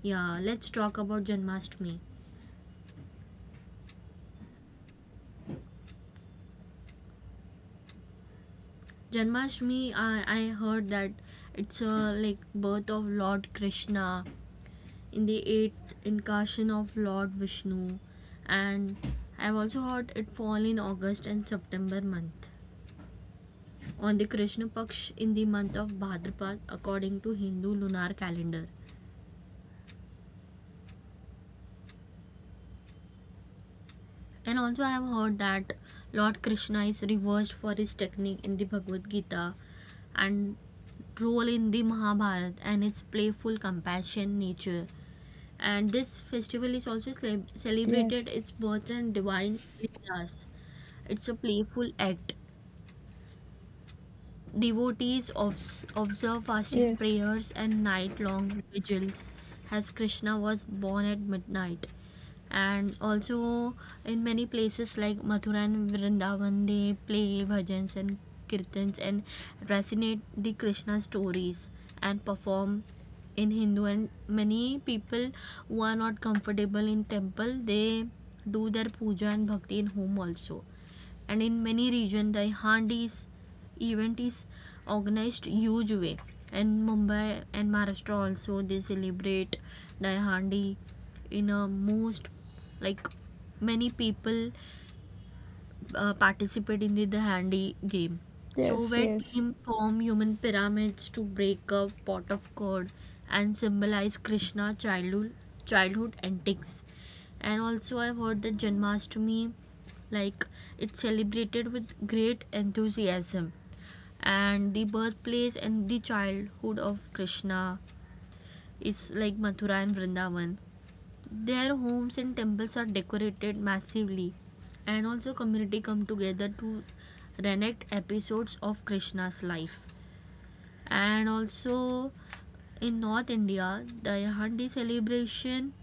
S1: Yeah, let's talk about Janmashtami. Janmashtami, I heard that it's a, like, birth of Lord Krishna in the eighth incarnation of Lord Vishnu, and I've also heard it fall in August and September month on the Krishna Paksh in the month of Bhadrapad according to Hindu lunar calendar. And also I have heard that Lord Krishna is reversed for his technique in the Bhagavad Gita and role in the Mahabharata, and its playful compassion nature, and this festival is also celebrated
S2: Yes,
S1: its birth and divine leelas. It's a playful act. Devotees observe fasting,
S2: yes,
S1: prayers and night long vigils, as Krishna was born at midnight. And also, in many places like Mathura and Vrindavan, they play bhajans and kirtans and resonate the Krishna stories and perform in Hindu. And many people who are not comfortable in temple, they do their puja and bhakti in home also. And in many regions the handis event is organized huge way, and Mumbai and Maharashtra also, they celebrate Dahandi in a most, like, many people participate in the Dahandi game, so
S2: yes,
S1: where
S2: yes,
S1: team form human pyramids to break a pot of gourd and symbolize Krishna childhood antics. And also I've heard that Janmashtami, like, it's celebrated with great enthusiasm, and the birthplace and the childhood of Krishna is, like, Mathura and Vrindavan. Their homes and temples are decorated massively, and also community come together to reenact episodes of Krishna's life. And also in North India, the Yahandi celebration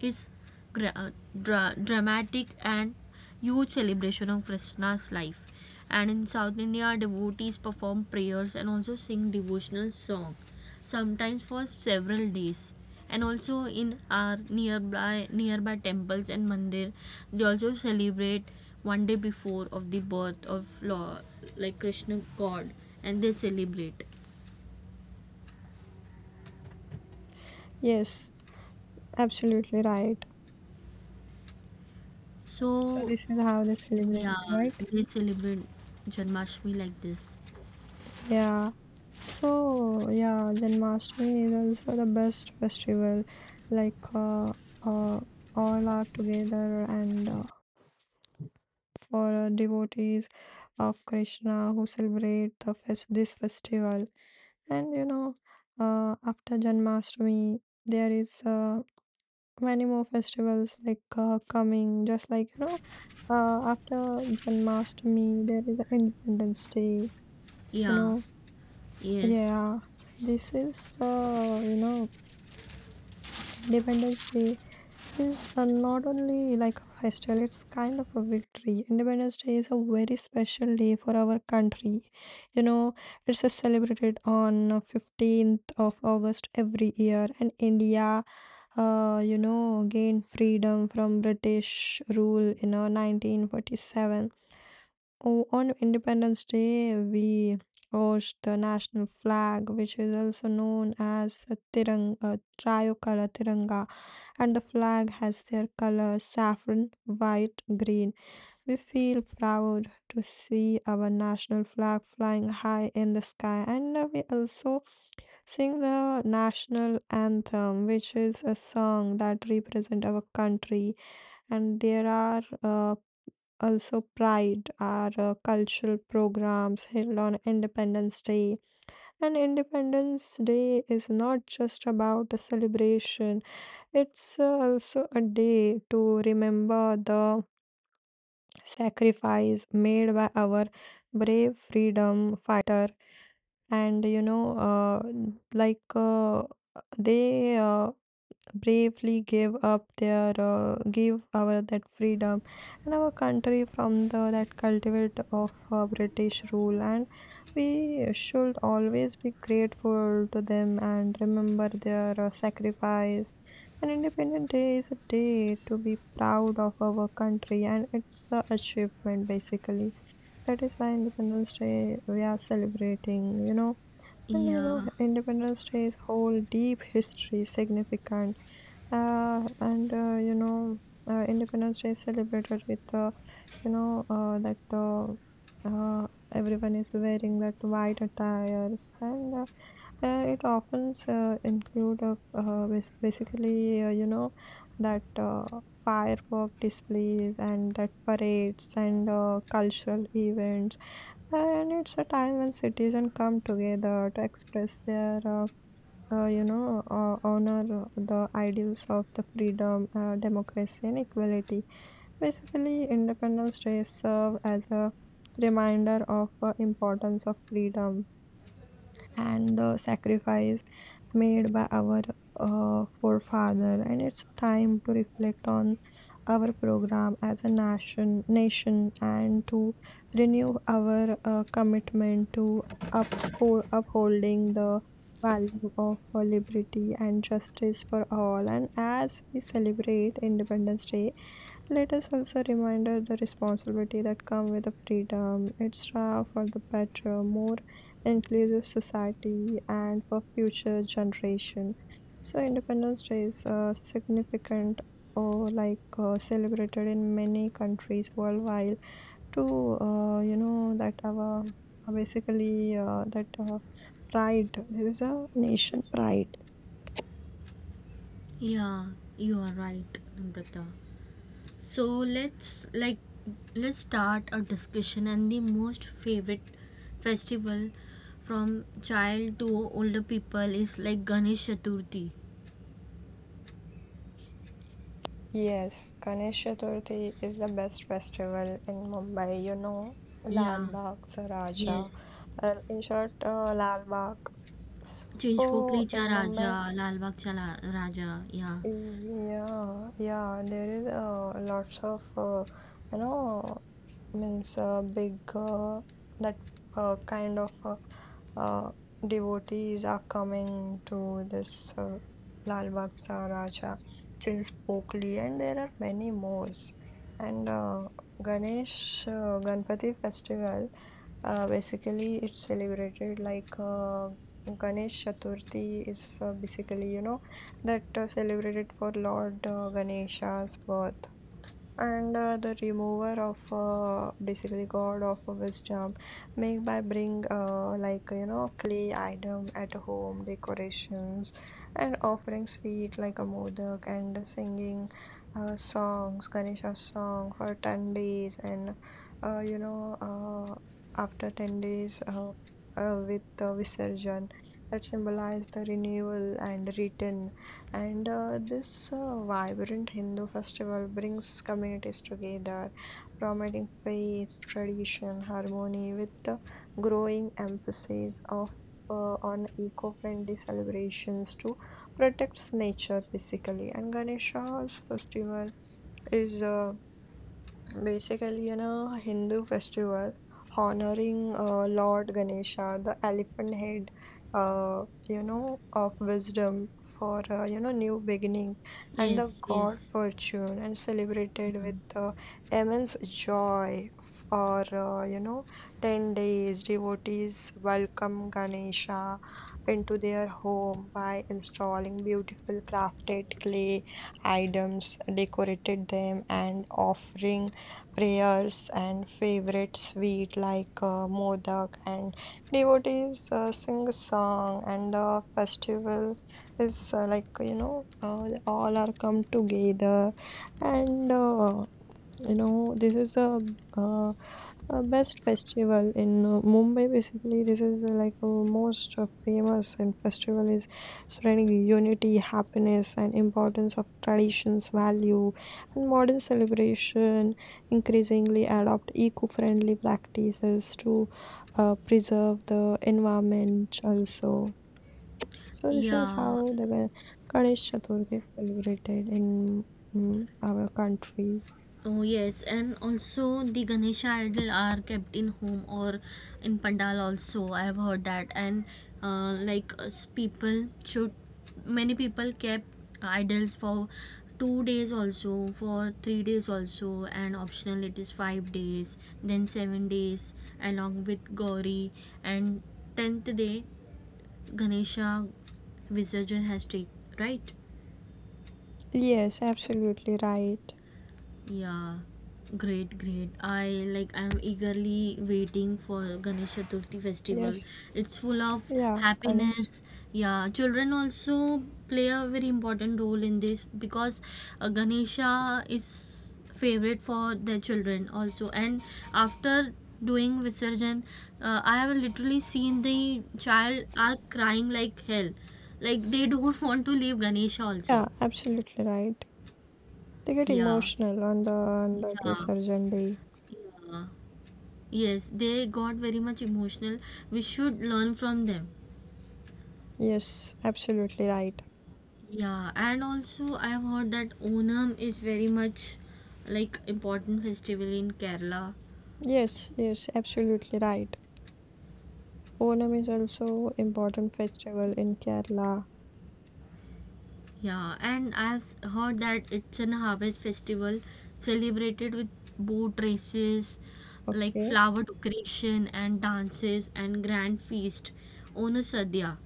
S1: it's gra- uh, dramatic and huge celebration of Krishna's life. And in South India, devotees perform prayers and also sing devotional song, sometimes for several days. And also in our nearby temples and mandir, they also celebrate 1 day before of the birth of Lord, like Krishna God, and they celebrate.
S2: yes, absolutely right. So
S1: So
S2: this is how they celebrate
S1: yeah,
S2: it, right?
S1: they celebrate Janmashtami like this.
S2: Yeah. So yeah, Janmashtami is also the best festival. Like uh, all are together and for devotees of Krishna who celebrate the fest this festival. And you know, after Janmashtami, there is many more festivals like coming, just like you know after Janmashtami there is a Independence Day, you
S1: Yeah.
S2: know.
S1: Yes,
S2: Yeah, this is, Independence Day is not only like a festival, it's kind of a victory. Independence Day is a very special day for our country, you know. It's celebrated on 15th of August every year and India gained freedom from British rule in 1947. On Independence Day, we hoist the national flag, which is also known as the Tiranga, Tricolour Tiranga, and the flag has their colors saffron, white, green. We feel proud to see our national flag flying high in the sky, and we also sing the national anthem, which is a song that represent our country, and there are also pride, our cultural programs held on Independence Day. And Independence Day is not just about a celebration; it's also a day to remember the sacrifice made by our brave freedom fighter. And you know, like. Uh, they bravely gave up their gave our that freedom and our country from the that cultivate of British rule, and we should always be grateful to them and remember their sacrifice. And Independence Day is a day to be proud of our country and its achievement basically. That is why Independence Day we are celebrating, you know. And you know,
S1: yeah,
S2: Independence Day's whole deep history significant. And you know Independence Day is celebrated with you know that uh, everyone is wearing that white attires, and it often include of basically, that firework displays and that parades and cultural events. And it's a time when citizens come together to express their honor the ideals of the freedom, democracy, and equality. Basically, Independence Day serve as a reminder of importance of freedom and the sacrifice made by our forefather. And it's time to reflect on our program as a nation and to renew our commitment to up for upholding the value of liberty and justice for all. And as we celebrate Independence Day, let us also remember the responsibility that come with the freedom. It's for the better, more inclusive society and for future generation. So Independence Day is significant or like celebrated in many countries worldwide to, that our basically that pride, there is a nation pride.
S1: yeah, you are right, Namrata. So let's start a discussion and the most favorite festival from child to older people is like Ganesh Chaturthi.
S2: Yes, Ganesh Chaturthi is the best festival in Mumbai, you know,
S1: Yeah,
S2: Lal Bagh, Saraja,
S1: yes.
S2: well, in short, Lal Bagh.
S1: Chinchpokli
S2: So in
S1: cha Raja,
S2: Mumbai,
S1: Raja. Yeah,
S2: yeah, yeah, there is lots of you know means big that kind of uh, devotees are coming to this Lal Bagh Raja, Chilspokli, and there are many more. And Ganesh Ganpati festival, basically it's celebrated like Ganesh Chaturthi is basically you know that celebrated for Lord Ganesha's birth, and the remover of basically god of wisdom, make by bring, clay item at home decorations and offering sweet like a modak and singing songs, Ganesha song for 10 days. And after 10 days with visarjan that symbolize the renewal and return. And this vibrant Hindu festival brings communities together, promoting faith, tradition, harmony, with the growing emphasis of on eco-friendly celebrations to protect nature basically. And Ganesha's festival is basically, you know, Hindu festival honoring Lord Ganesha, the elephant head, of wisdom for, new beginning and the
S1: yes,
S2: god
S1: yes.
S2: fortune, and celebrated
S1: Mhm.
S2: with immense joy for, 10 days. Devotees welcome Ganesha into their home by installing beautiful crafted clay items, decorated them, and offering prayers and favorite sweet like modak, and devotees sing a song. And the festival is all are come together. And this is uh, a best festival in Mumbai. Basically, this is most famous and festival is spreading unity, happiness, and importance of traditions, value, and modern celebration. Increasingly, adopt eco-friendly practices to preserve the environment. Also, so this is
S1: Yeah,
S2: how the Ganesh Chaturthi is celebrated in mm, our country.
S1: oh yes, and also the Ganesha idol are kept in home or in pandal also. I have heard that, and like us people should many people kept idols for 2 days also, for 3 days also, and optional it is 5 days, then 7 days along with Gauri, and tenth day Ganesha Visarjan has take right.
S2: Yes, absolutely right.
S1: Yeah, great, great. I'm eagerly waiting for Ganesh Chaturthi festival.
S2: Yes,
S1: It's full of
S2: yeah, Ganesh.
S1: happiness. Yeah, children also play a very important role in this because Ganesha is favorite for their children also. And after doing Visarjan, I have literally seen the child are crying like hell. Like they don't want to leave Ganesha also.
S2: Yeah, absolutely right. They get
S1: Yeah.
S2: emotional on the on that
S1: Yeah.
S2: Visurgent day.
S1: Yeah. Yes, they got very much emotional. We should learn from them.
S2: Yes, absolutely right.
S1: Yeah, and also I've heard that Onam is very much like important festival in Kerala.
S2: Yes, yes, absolutely right. Onam is also important festival in Kerala.
S1: Yeah, and heard that it's an harvest festival celebrated with boat races, like
S2: Okay.
S1: flower decoration and dances and grand feast. Onasadya.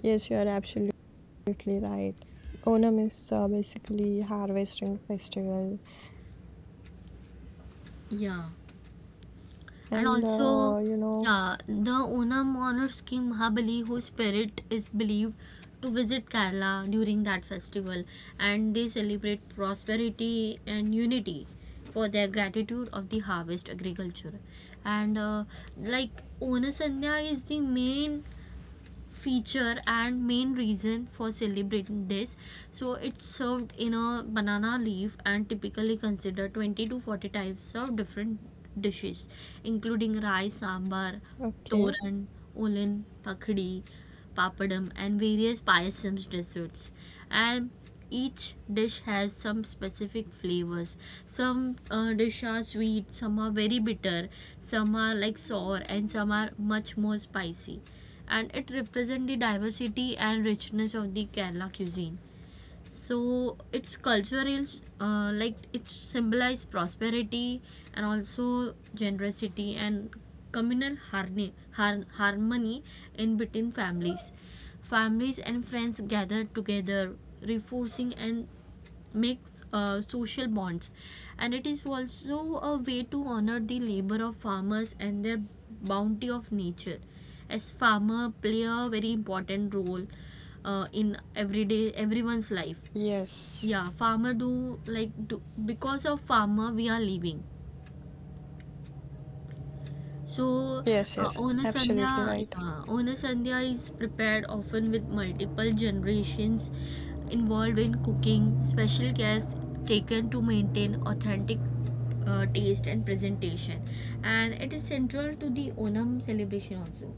S2: Yes, you are absolutely right. Onam is basically harvesting festival,
S1: Yeah. And
S2: and
S1: also
S2: you know.
S1: yeah the Onam honor scheme Mahabali whose spirit is believed to visit Kerala during that festival and they celebrate prosperity and unity for their gratitude of the harvest agriculture and like Onasanya is the main feature and main reason for celebrating this so it's served in a banana leaf and typically consider 20 to 40 types of different dishes including rice sambar
S2: Okay.
S1: toran olin pakhdi papadum, and various payasams desserts. And each dish has some specific flavors. Some dishes are sweet, some are very bitter, some are like sour, and some are much more spicy. And it represents the diversity and richness of the Kerala cuisine so it's cultural like it symbolizes prosperity and also generosity and communal harmony, harmony in between families and friends gather together reinforcing and make social bonds and it is also a way to honor the labor of farmers and their bounty of nature as farmer play a very important role in everyday everyone's life
S2: Yes.
S1: yeah farmer do like do, because of farmer we are living so,
S2: Yes. Yes. Absolutely
S1: Onasandhya
S2: right.
S1: yeah, Ona is prepared often with multiple generations involved in cooking, special care is taken to maintain authentic taste and presentation, and it is central to the Onam celebration also.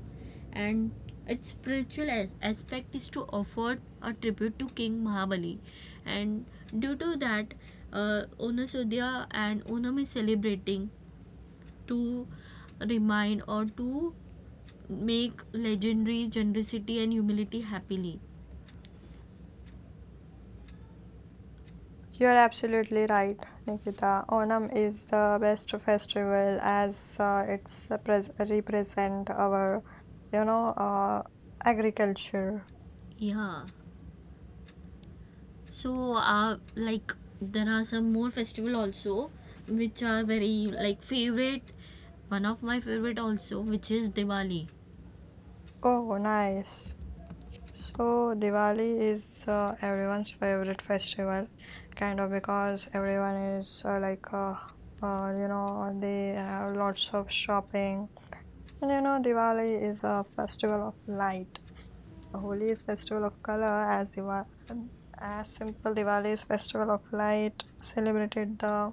S1: And its spiritual aspect is to offer a tribute to King Mahabali, and due to that, Onasudhya and Onam is celebrating to remind or to make legendary generosity and humility happily.
S2: You're absolutely right, Nikita. Onam is the best festival as it's a pres represent our, you know, agriculture.
S1: Yeah. So, like there are some more festival also, which are very like favorite. One of my favorite also, which is Diwali.
S2: Oh, nice. So Diwali is everyone's favorite festival, kind of, because everyone is they have lots of shopping. And you know, Diwali is a festival of light. Holi is festival of color, as Diwa as simple, Diwali is festival of light, celebrated the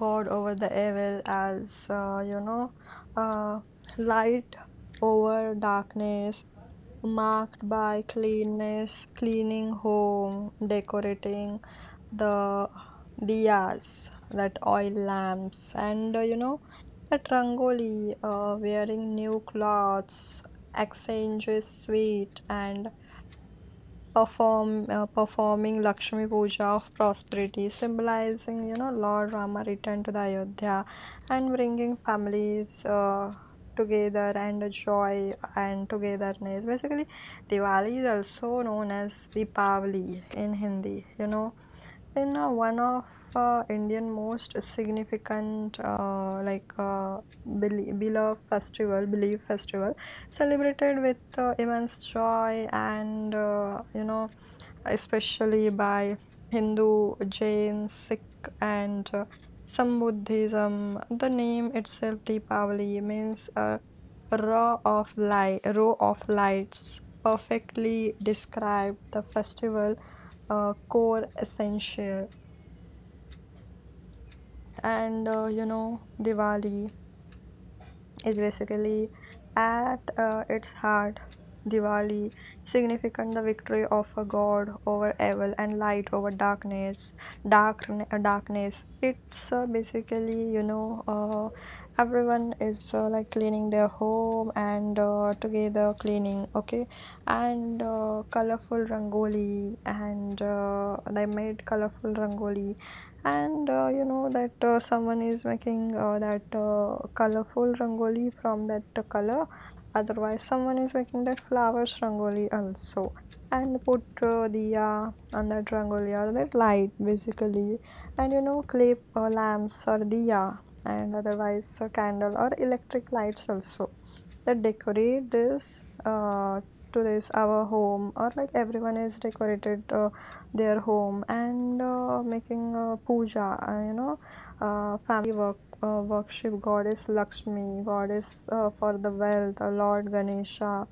S2: god over the evil, as uh, light over darkness, marked by cleanness cleaning home, decorating the diyas, that oil lamps, and that rangoli, wearing new clothes, exchanges sweet and performing Lakshmi Puja of prosperity, symbolizing Lord Rama returned to the Ayodhya, and bringing families together, and joy and togetherness. Basically, Diwali is also known as Deepavali in Hindi. You know, in one of Indian most significant beloved festival, belief festival, celebrated with immense joy and especially by Hindu, Jain, Sikh, and some Buddhism. The name itself, Deepavali, means a row of light, row of lights, perfectly describe the festival core essential. And Diwali. Is basically at its heart Diwali, significant the victory of a god over evil and light over darkness. Darkness. It's basically everyone is cleaning their home and together cleaning. Okay, and colorful rangoli, and they made colorful rangoli, and that someone is making that colorful rangoli from that color, otherwise someone is making that flowers rangoli also, and put diya on that rangoli or that light, basically, and you know clay lamps or diya, and otherwise a candle or electric lights also that decorate this to this our home, or like everyone is decorated their home and making puja, family work. Worship goddess Lakshmi, goddess for the wealth, Lord Ganesha,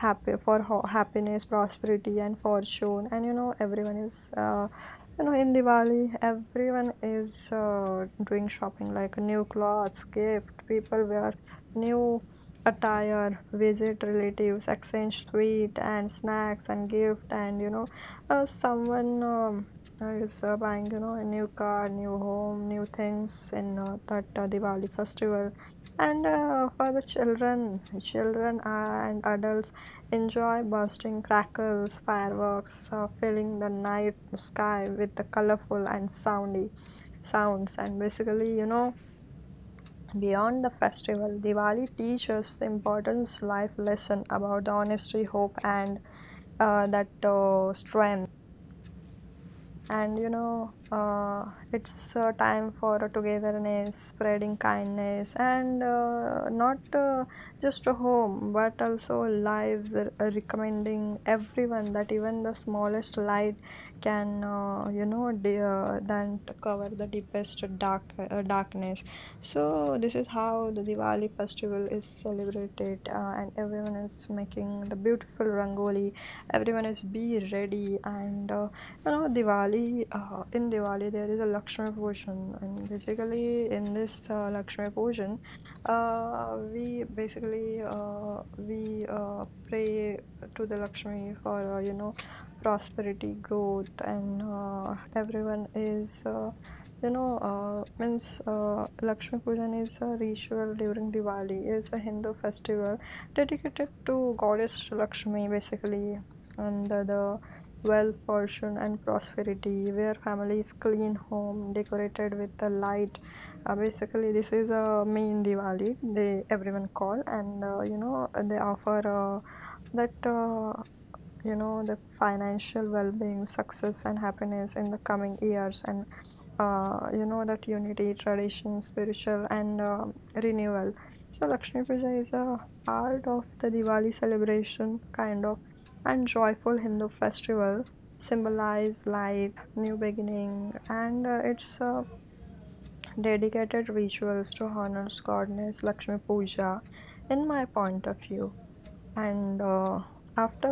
S2: happy for happiness, prosperity, and fortune. And you know, everyone is, in Diwali, everyone is doing shopping like new clothes, gift. People wear new attire, visit relatives, exchange sweet and snacks and gift, and someone is buying, you know, a new car, new home, new things in that Diwali festival. And for the children, children and adults enjoy bursting crackers, fireworks, filling the night sky with the colorful and soundy sounds. And basically, you know, beyond the festival, Diwali teaches the importance life lesson about the honesty, hope, and that strength, and it's time for a togetherness, spreading kindness, and not just a home but also lives recommending everyone that even the smallest light can than to cover the deepest darkness. So this is how the Diwali festival is celebrated, and everyone is making the beautiful rangoli, everyone is be ready. And Diwali, in Diwali, there is a Lakshmi Pujan, and basically, in this Lakshmi Pujan, we basically we pray to the Lakshmi for prosperity, growth, and everyone is you know means Lakshmi Pujan is a ritual during Diwali. It's a Hindu festival dedicated to goddess Lakshmi, basically, and the wealth, fortune, and prosperity, where families clean home decorated with a light. Basically, this is a main Diwali. They everyone call, and they offer that. The financial well-being, success and happiness in the coming years, and that unity, tradition, spiritual, and renewal. So Lakshmi Puja is a part of the Diwali celebration, kind of, and joyful Hindu festival symbolize light, new beginning, and it's dedicated rituals to honors goddess Lakshmi Puja in my point of view. And after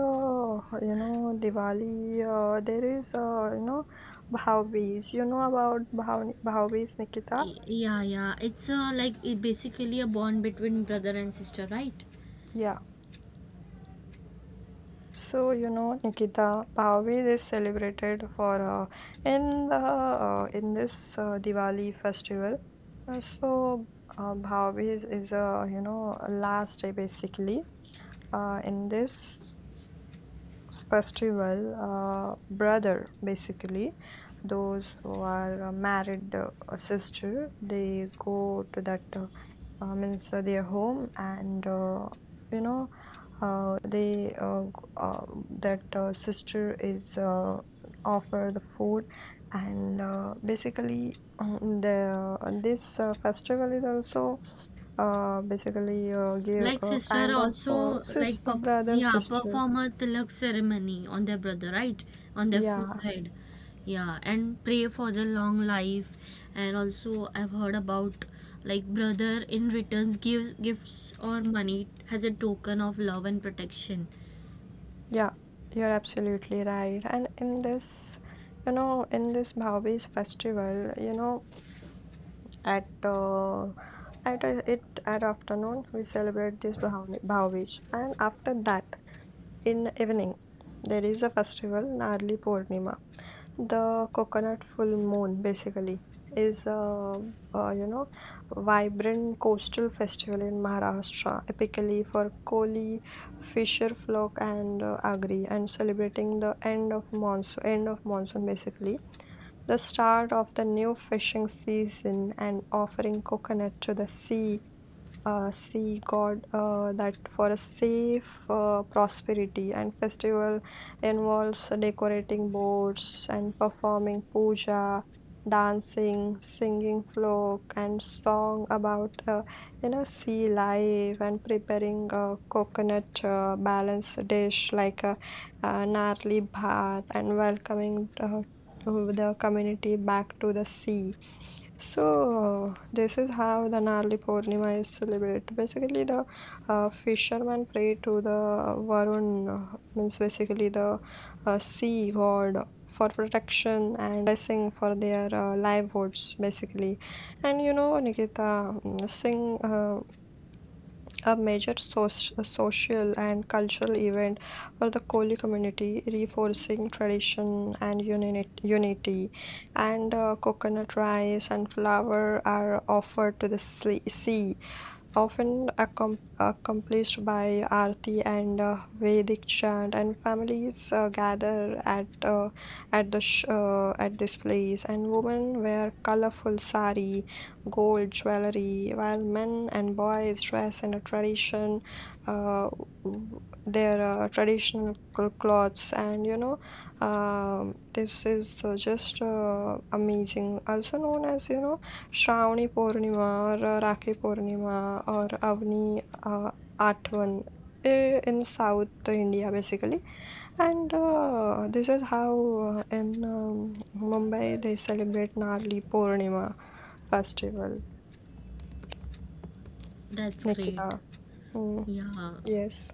S2: you know Diwali, there is Bhavabees. You know about Bhavabees, Nikita?
S1: Y- Yeah, yeah. It's a like it basically a bond between brother and sister, right?
S2: Yeah. So you know Nikita, Bhavabees is celebrated for in the in this Diwali festival. So Bhavabees is a you know a last day, basically. In this festival, brother, basically those who are married a sister, they go to that means their home, and you know they that sister is offer the food, and basically the this festival is also basically give
S1: Like
S2: a
S1: sister
S2: kind of
S1: also like
S2: sis a
S1: perf
S2: brother
S1: yeah
S2: sister,
S1: perform a tilak ceremony on their brother right on their
S2: yeah.
S1: forehead yeah and pray for the long life and also I've heard about like brother in returns gives gifts or money as a token of love and protection
S2: Yeah, you're absolutely right. And in this, you know, in this Bhaubi's festival, you know, at it at afternoon we celebrate this Bhaubij, and after that in evening there is a festival Narli Purnima. The coconut full moon, basically, is a, you know, vibrant coastal festival in Maharashtra, epically for Koli, fisher folk, and Agri, and celebrating the end of monsoon, end of monsoon, basically, the start of the new fishing season, and offering coconut to the sea see God, that for a safe prosperity. And festival involves decorating boards and performing puja, dancing, singing folk and song about sea life, and preparing a coconut balanced dish like a, narli bhat, and welcoming to the community back to the sea. So this is how the Narli Purnima is celebrated. Basically, the fishermen pray to the Varun, means basically the sea god, for protection and blessing for their livelihoods, basically. And you know, Nikita, mm, sing. A major social and cultural event for the Koli community, reinforcing tradition and unity. And coconut rice and flour are offered to the sea, often accomplished by arati and Vedic chant, and families gather at the at this place, and women wear colorful sari, gold jewelry, while men and boys dress in a tradition, uh, w- their traditional clothes, and you know, this is just amazing. Also known as you know Shravani पौर्णिमा और राखी पौर्णिमा और Avani uh, Atvan, eh, in South India, basically. And this is how in Mumbai they celebrate Narli Purnima festival.
S1: that's great
S2: Nikita. Hmm.
S1: yeah
S2: Yes.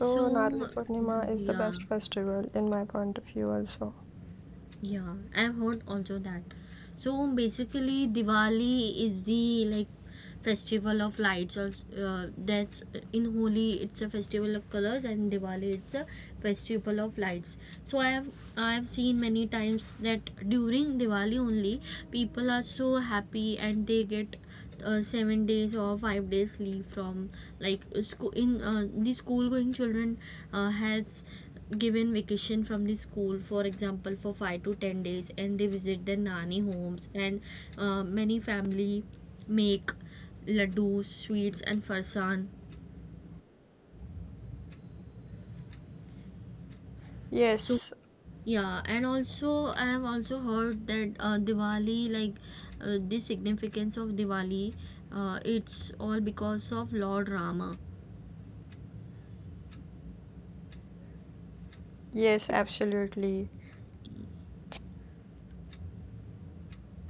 S1: so
S2: Narli Purnima is the
S1: yeah
S2: best festival in my point of view also.
S1: yeah, I've heard also that. So basically, Diwali is the like festival of lights. Also, that's in Holi, it's a festival of colors, and Diwali it's a festival of lights. So I have seen many times that during Diwali only people are so happy and they get 7 days or 5 days leave from like school in the school going children has given vacation from the school for example for 5 to 10 days and they visit their nani homes and many family make laddus sweets and farsan so
S2: Yes.
S1: yeah and also I have also heard that Diwali the significance of Diwali it's all because of Lord Rama.
S2: Yes, absolutely.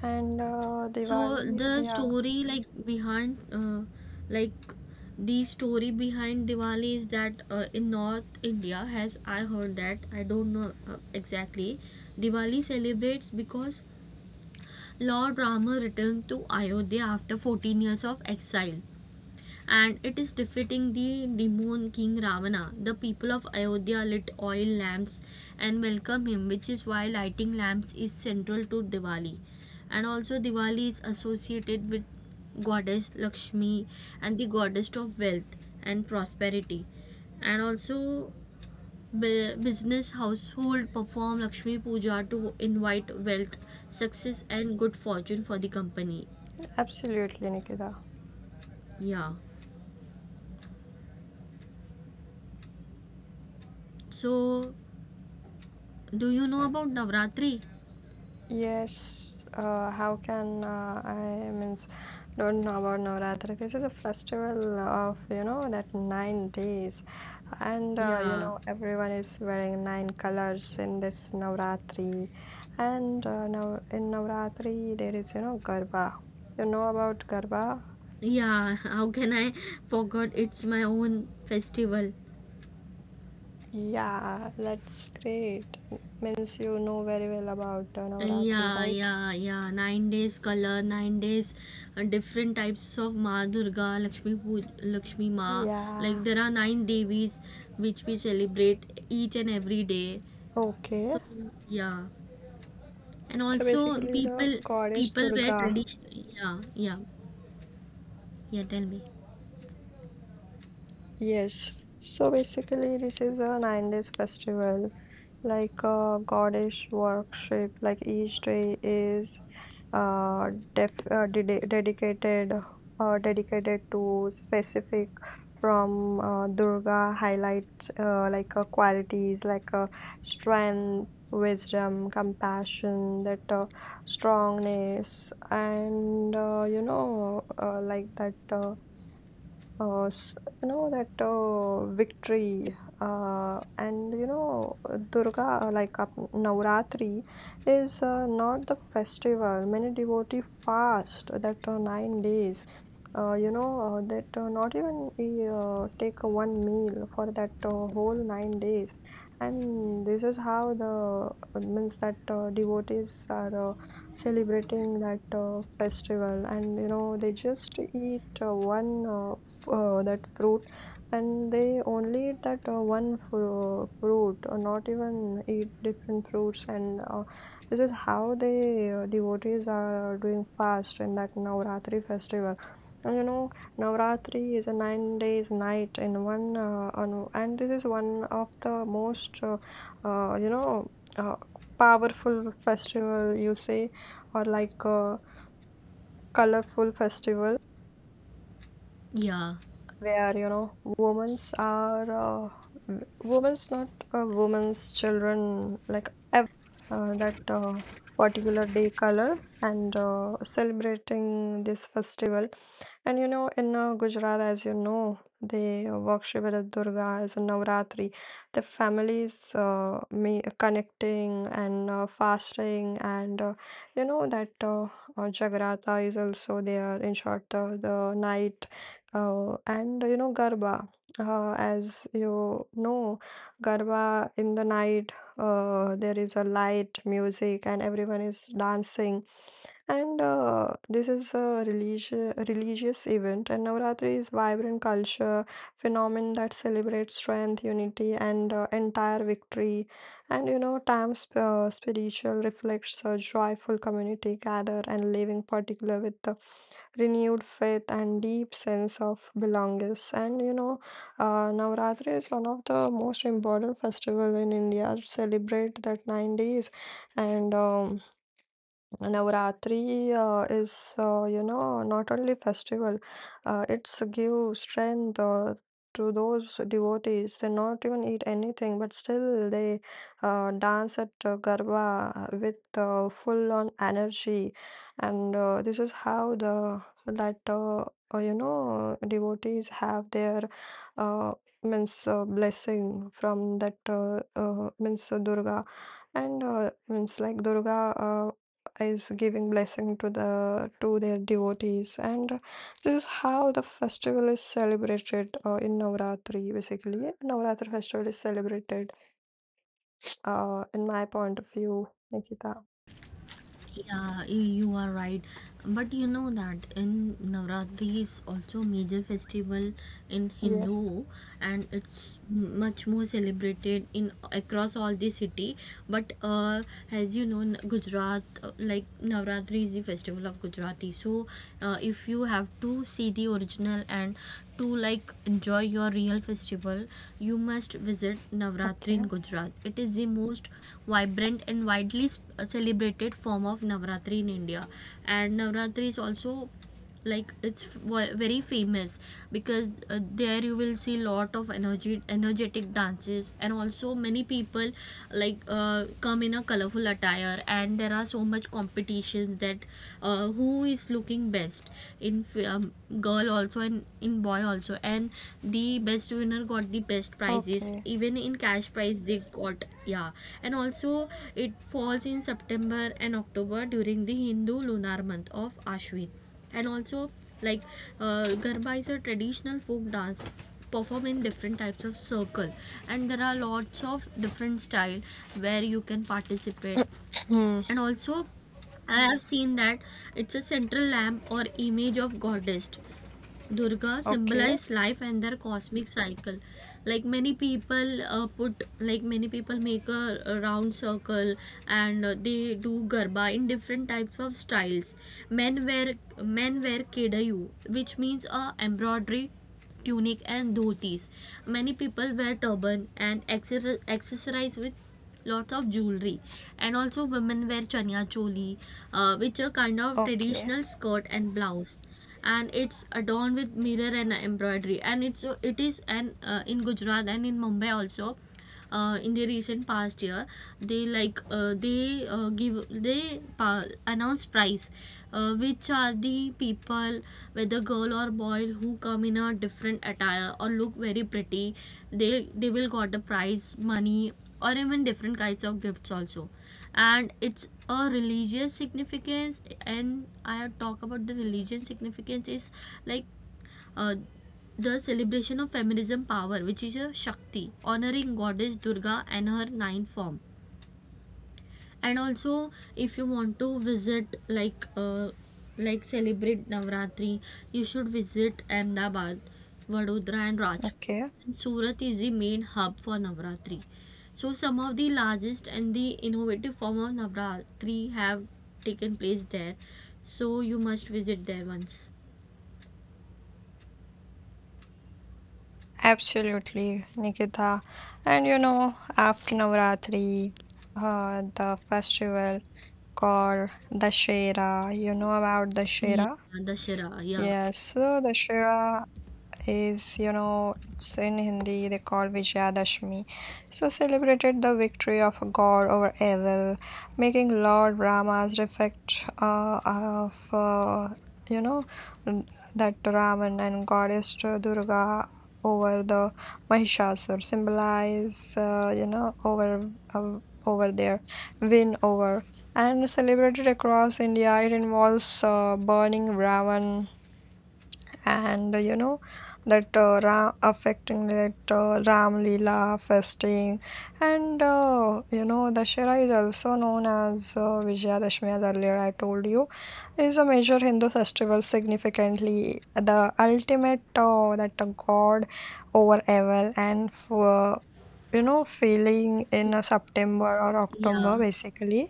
S2: And
S1: So
S2: Diwali.
S1: the
S2: Yeah,
S1: story behind like the story behind Diwali is that in North India has I heard that I don't know exactly Diwali celebrates because Lord Rama returned to Ayodhya after 14 years of exile and it is defeating the demon king Ravana. The people of Ayodhya lit oil lamps and welcome him, which is why lighting lamps is central to Diwali. And also, Diwali is associated with goddess Lakshmi and the goddess of wealth and prosperity. And also, business household perform Lakshmi Puja to invite wealth, success, and good fortune for the company.
S2: absolutely, Nikita.
S1: Yeah. So, do you know about Navratri?
S2: Yes, how can I means don't know about Navratri? This is a festival of you know that 9 days, and you
S1: Yeah,
S2: know everyone is wearing nine colors in this Navratri, and now in Navratri there is you know Garba. You know about Garba?
S1: yeah. How can I forget? It's my own festival.
S2: Yeah, that's great. Means you know very well about Navratri,
S1: Yeah,
S2: right?
S1: yeah, yeah. 9 days color, 9 days different types of Ma Durga, Lakshmi Puja, Lakshmi Ma. Like
S2: Yeah.
S1: there are nine devis which we celebrate each and every day.
S2: Okay.
S1: So yeah, and
S2: So
S1: also
S2: basically, the
S1: people
S2: goddess
S1: people wear
S2: Durga.
S1: tradition. Yeah, yeah, yeah. Tell me.
S2: Yes. So basically, this is a 9 days festival, like a goddess worship. Like each day is dedicated dedicated to specific from Durga highlights qualities like strength, wisdom, compassion, that strongness, and you know like that. S- you know that victory, and Durga Navratri is not the festival, many devotee fast that 9 days, that not even we take a one meal for that whole 9 days. And this is how the means that devotees are celebrating that festival, and you know they just eat one that fruit, and they only eat that one fruit, or not even eat different fruits. And this is how the devotees are doing fast in that Navratri festival. And you know, Navratri is a 9 days night in one, and this is one of the most, uh, you know, uh, powerful festival you say, or like colorful festival,
S1: Yeah.
S2: where you know women's not women's, children, like everyone is wearing that particular day color, and celebrating this festival. And you know, in Gujarat, as you know, they worship at Durga as a Navratri. The families me connecting and fasting, and that Jagrata is also there. In short, the night, and you know Garba. As you know, Garba in the night, there is a light music, and everyone is dancing. And this is a religious event, and Navratri is vibrant culture phenomenon that celebrates strength, unity, and entire victory. And you know, spiritual reflects a joyful community gather and living, particular with the renewed faith and deep sense of belongingness. And you know, Navratri is one of the most important festival in India. Celebrate that 9 days, and. Navratri is, you know, not only festival, it's give strength to those devotees. They not even eat anything, but still they dance at Garba with full on energy. And this is how the that you know devotees have their uh, means blessing from that means Durga. And means like Durga is giving blessing to the to their devotees, and this is how the festival is celebrated in Navratri. Basically, Navratri festival is celebrated. In my point of view, Nikita.
S1: Yeah, you are right. But you know that in Navratri is also major festival in
S2: Yes.
S1: Hindu and it's much more celebrated in across all the city. But as you know, Gujarat like Navratri is the festival of Gujarati. So if you have to see the original and to like enjoy your real festival you must visit Navratri
S2: Okay.
S1: in Gujarat it is the most vibrant and widely celebrated form of Navratri in India and Navratri is also like it's very famous because there you will see lot of energy energetic dances and also many people like come in a colorful attire and there are so much competitions that who is looking best in um, girl also and in boy also and the best winner got the best prizes
S2: Okay.
S1: even in cash prize they got yeah and also it falls in September and October during the Hindu lunar month of Ashwin and also like garba is a traditional folk dance perform in different types of circle and there are lots of different style where you can participate
S2: Hmm.
S1: and also I have seen that it's a central lamp or image of goddess Durga
S2: Okay.
S1: symbolize life and their cosmic cycle like many people put like many people make a round circle and they do garba in different types of styles men wear men wear kedayu which means a embroidery tunic and dhotis. Many people wear turban and accessorize with lots of jewelry. And also women wear chania choli, which are kind of
S2: Okay.
S1: traditional skirt and blouse. And it's adorned with mirror and embroidery. And it's it is an in Gujarat and in Mumbai also in the recent past year they like they give announce prize which are the people whether girl or boy who come in a different attire or look very pretty they will got the prize money or even different kinds of gifts also and it's a religious significance and I talk about the religion significance is like uh, the celebration of feminism power, which is a Shakti, honoring goddess Durga and her nine form. And also, if you want to visit, like celebrate Navratri, you should visit Ahmedabad, Vadodara, and Rajkot.
S2: Okay.
S1: And Surat is the main hub for Navratri. So, some of the largest and the innovative form of Navratri have taken place there. So, you must visit there once.
S2: Absolutely, Nikita. And after Navratri, the festival called the Shera. You know about the
S1: Yeah,
S2: Shera?
S1: Dashera. Yeah,
S2: Yes, so the Shera is, it's in Hindi, they call Vijayadashmi. So celebrated the victory of God over evil, making Lord Rama's defect of, you know, that Raman and goddess Durga over the Mahishasur symbolize, over, over their win over. And celebrated across India, it involves burning Ravan and you know that Ra affecting that Ram Leela fasting, and Dashera is also known as Vijayadashmi, as earlier I told you, is a major Hindu festival significantly the ultimate that God over evil and for feeling in September or October,
S1: yeah.
S2: basically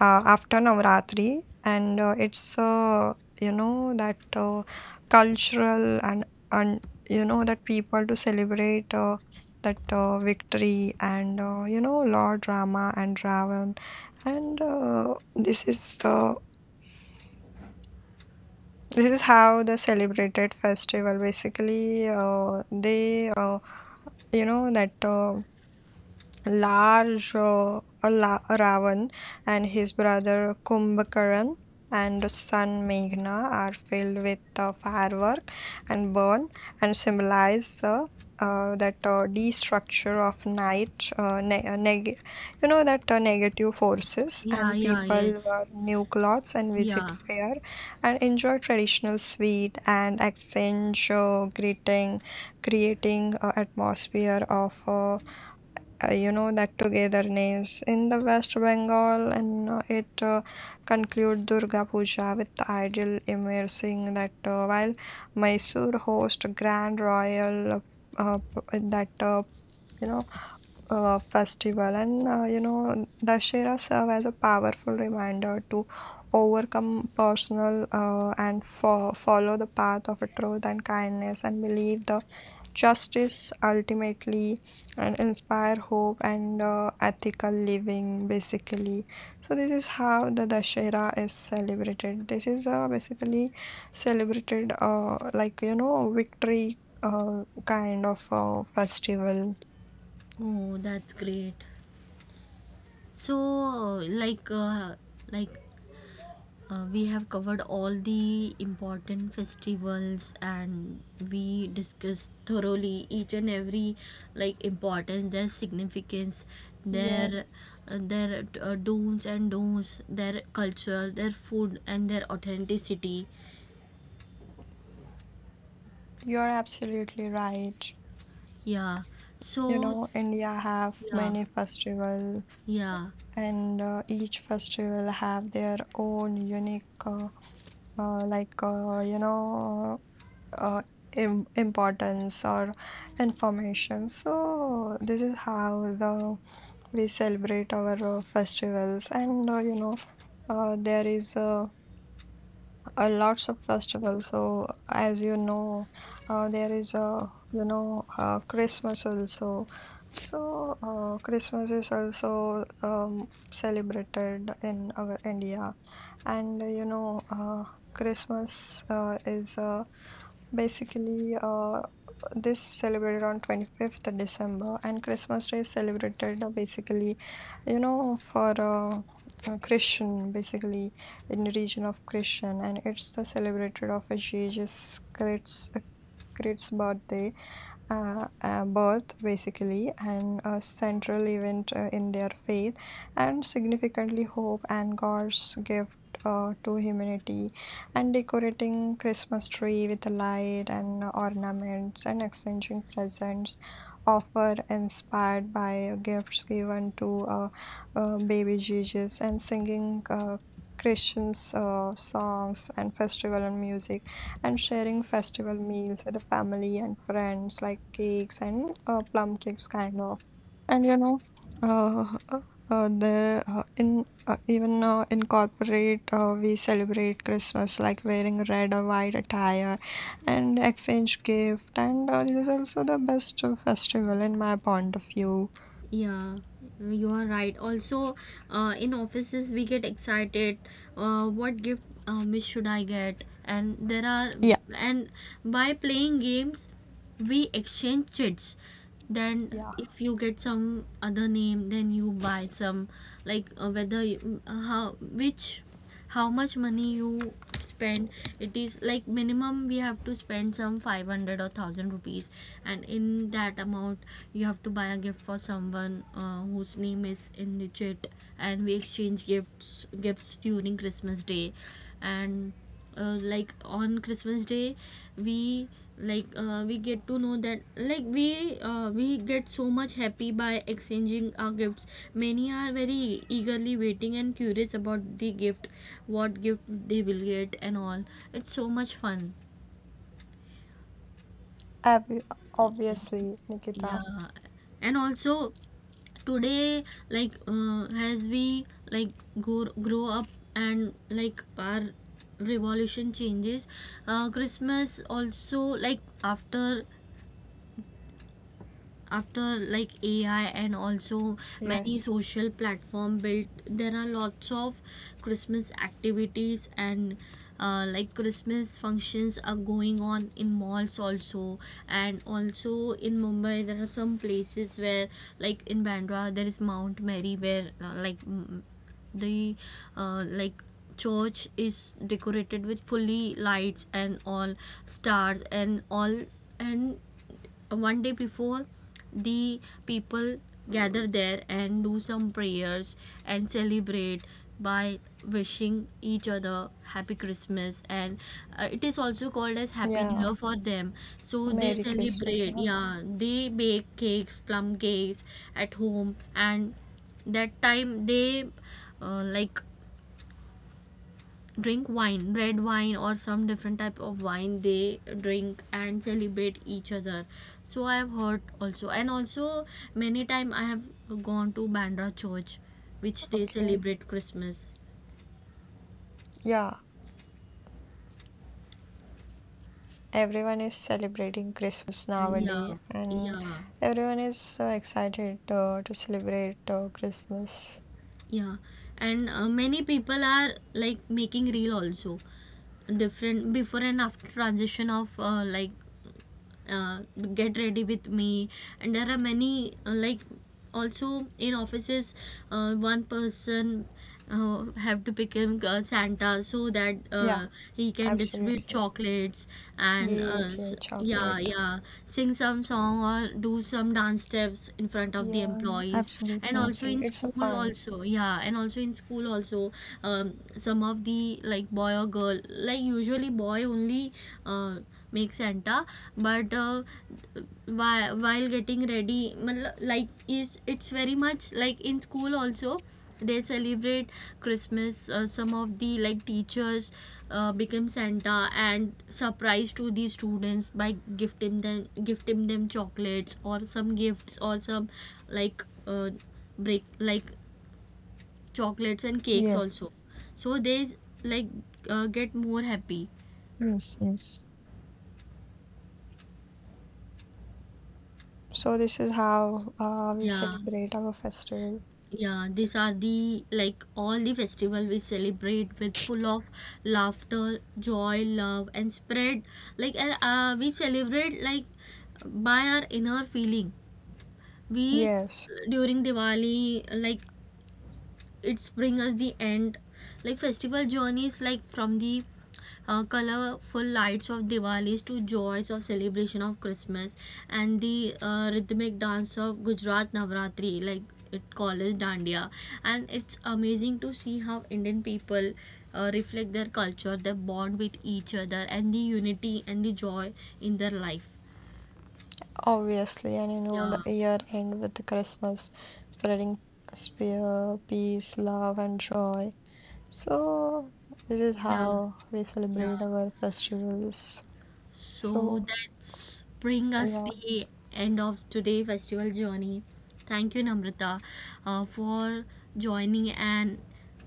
S2: after Navratri, and it's you know that cultural and you know that people to celebrate that victory and Lord Rama and Ravan, and this is how the celebrated festival basically they you know that. Large Ravan and his brother Kumbhakaran and son Meghna are filled with firework and burn and symbolize the that destructure of night, ne- neg- you know that negative forces,
S1: Yeah,
S2: and
S1: yeah,
S2: people
S1: yes.
S2: wear new clothes and visit
S1: Yeah.
S2: fair and enjoy traditional sweet and exchange greeting, creating atmosphere of you know that together names in the West Bengal, and it conclude Durga Puja with idol immersing that while Mysore host Grand Royal p- that you know festival, and Dashera serve as a powerful reminder to overcome personal and follow the path of truth and kindness and believe the justice ultimately and inspire hope and ethical living basically. So this is how the Dashera is celebrated. This is basically celebrated like victory kind of festival.
S1: Oh, that's great. So, like we have covered all the important festivals and we discussed thoroughly each and every like importance, their significance, their
S2: Yes,
S1: their dooms and don'ts, their culture, their food and their authenticity.
S2: you're absolutely right.
S1: Yeah.
S2: You
S1: So,
S2: know India have
S1: yeah.
S2: many festivals,
S1: Yeah.
S2: and each festival have their own unique like uh, importance or information. So this is how the we celebrate our festivals, and there is a lots of festivals. So as you know, there is a Christmas also. So Christmas is also celebrated in our India, and Christmas is basically this celebrated on 25th December, and Christmas Day is celebrated basically, for Christian, basically in the region of Christian, and it's the celebrated of a Jesus Christ, Christ's birthday, birth basically, and a central event in their faith, and significantly hope and God's gift. To humanity and decorating Christmas tree with light and ornaments and exchanging presents offer inspired by gifts given to baby Jesus, and singing Christians, songs, and festival and music, and sharing festival meals with the family and friends, like cakes and plum cakes, kind of. And uh, uh, the in even in corporate, we celebrate Christmas like wearing red or white attire and exchange gift, and this is also the best festival in my point of view.
S1: Yeah, you are right. Also, in offices, we get excited. What gift should I get? And there are,
S2: Yeah,
S1: and by playing games, we exchange chits. Then,
S2: yeah,
S1: if you get some other name, then you buy some, like whether how which how much money you spend it is like minimum we have to spend some 500 or 1000 rupees and in that amount you have to buy a gift for someone whose name is in the chit and we exchange gifts during Christmas day and like on Christmas day we we get to know that we get so much happy by exchanging our gifts many are very eagerly waiting and curious about the gift what gift they will get and all it's so much fun
S2: Obvi- obviously,
S1: yeah
S2: Nikita.
S1: and also today like as we like go, grow up and like our revolution changes Christmas also like after AI and also many
S2: Yes.
S1: social platform built, there are lots of Christmas activities and like Christmas functions are going on in malls also, and also in Mumbai there are some places where like in Bandra there is Mount Mary where like mm, the like church is decorated with fully lights and all stars and all and 1 day before the people gather there and do some prayers and celebrate by wishing each other happy Christmas and it is also called as happy new year
S2: Yeah.
S1: for them so they
S2: Merry Christmas.
S1: celebrate
S2: Yeah.
S1: yeah they bake cakes plum cakes at home and that time they like drink wine red wine or some different type of wine they drink and celebrate each other so I have heard also and also many time I have gone to Bandra church which they
S2: Okay.
S1: celebrate Christmas
S2: Yeah. Everyone is celebrating Christmas
S1: yeah
S2: nowadays, and
S1: yeah
S2: everyone is so excited to celebrate Christmas.
S1: yeah and many people are like making reel also different before and after transition of uh, get ready with me and there are many like also in offices one person have to become Santa so that
S2: Yeah,
S1: he can distribute
S2: absolutely.
S1: chocolates and
S2: Yeah, okay,
S1: yeah,
S2: chocolate.
S1: yeah, sing some song or do some dance steps in front of the
S2: Yeah,
S1: employees. And
S2: absolutely,
S1: also in
S2: absolutely. It's a
S1: school,
S2: fun.
S1: also, yeah, and also in school, also, some of the like boy or girl, like usually boy only uh, make Santa, but while getting ready, मतलब, is it's very much like in school also they celebrate Christmas some of the like teachers become Santa and surprise to the students by gifting them chocolates or some gifts or some like break like chocolates and cakes also
S2: Yes.
S1: so they like get more happy
S2: Yes, yes. So this is how we
S1: yeah
S2: celebrate our festival.
S1: yeah, these are the like all the festival we celebrate with full of laughter, joy, love, and spread. Like and, we celebrate like by our inner feeling. We
S2: Yes.
S1: during Diwali like it's bring us the end like festival journeys like from the colorful lights of Diwalis to joys of celebration of Christmas and the rhythmic dance of Gujarat Navratri, like it called as Dandiya. And it's amazing to see how Indian people reflect their culture, their bond with each other, and the unity and the joy in their life.
S2: Obviously, and the
S1: Yeah,
S2: year end with the Christmas, spreading peace, love, and joy. So, this is
S1: yeah,
S2: how we
S1: yeah.
S2: celebrate our festivals.
S1: So
S2: So,
S1: that's bring us
S2: yeah,
S1: the end of today festival journey. Thank you, Namrata, for joining and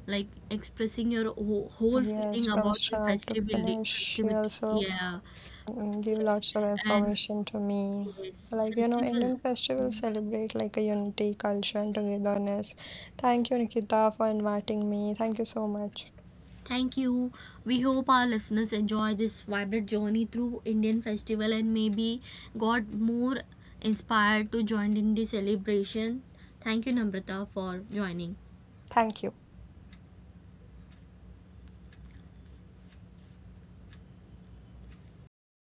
S1: like expressing your whole
S2: yes,
S1: feeling
S2: from
S1: about the
S2: start to
S1: festival
S2: finish, she
S1: festivity.
S2: also
S1: Yeah,
S2: give
S1: yes,
S2: lots of
S1: and
S2: information to me.
S1: yes,
S2: So, like,
S1: festival.
S2: Indian festivals celebrate like a unity, culture, and togetherness. Thank you, Nikita, for inviting me. Thank you so much.
S1: Thank you. We hope our listeners enjoy this vibrant journey through Indian festival and maybe got more inspired to join in the celebration. Thank you, Namrata, for joining.
S2: Thank you.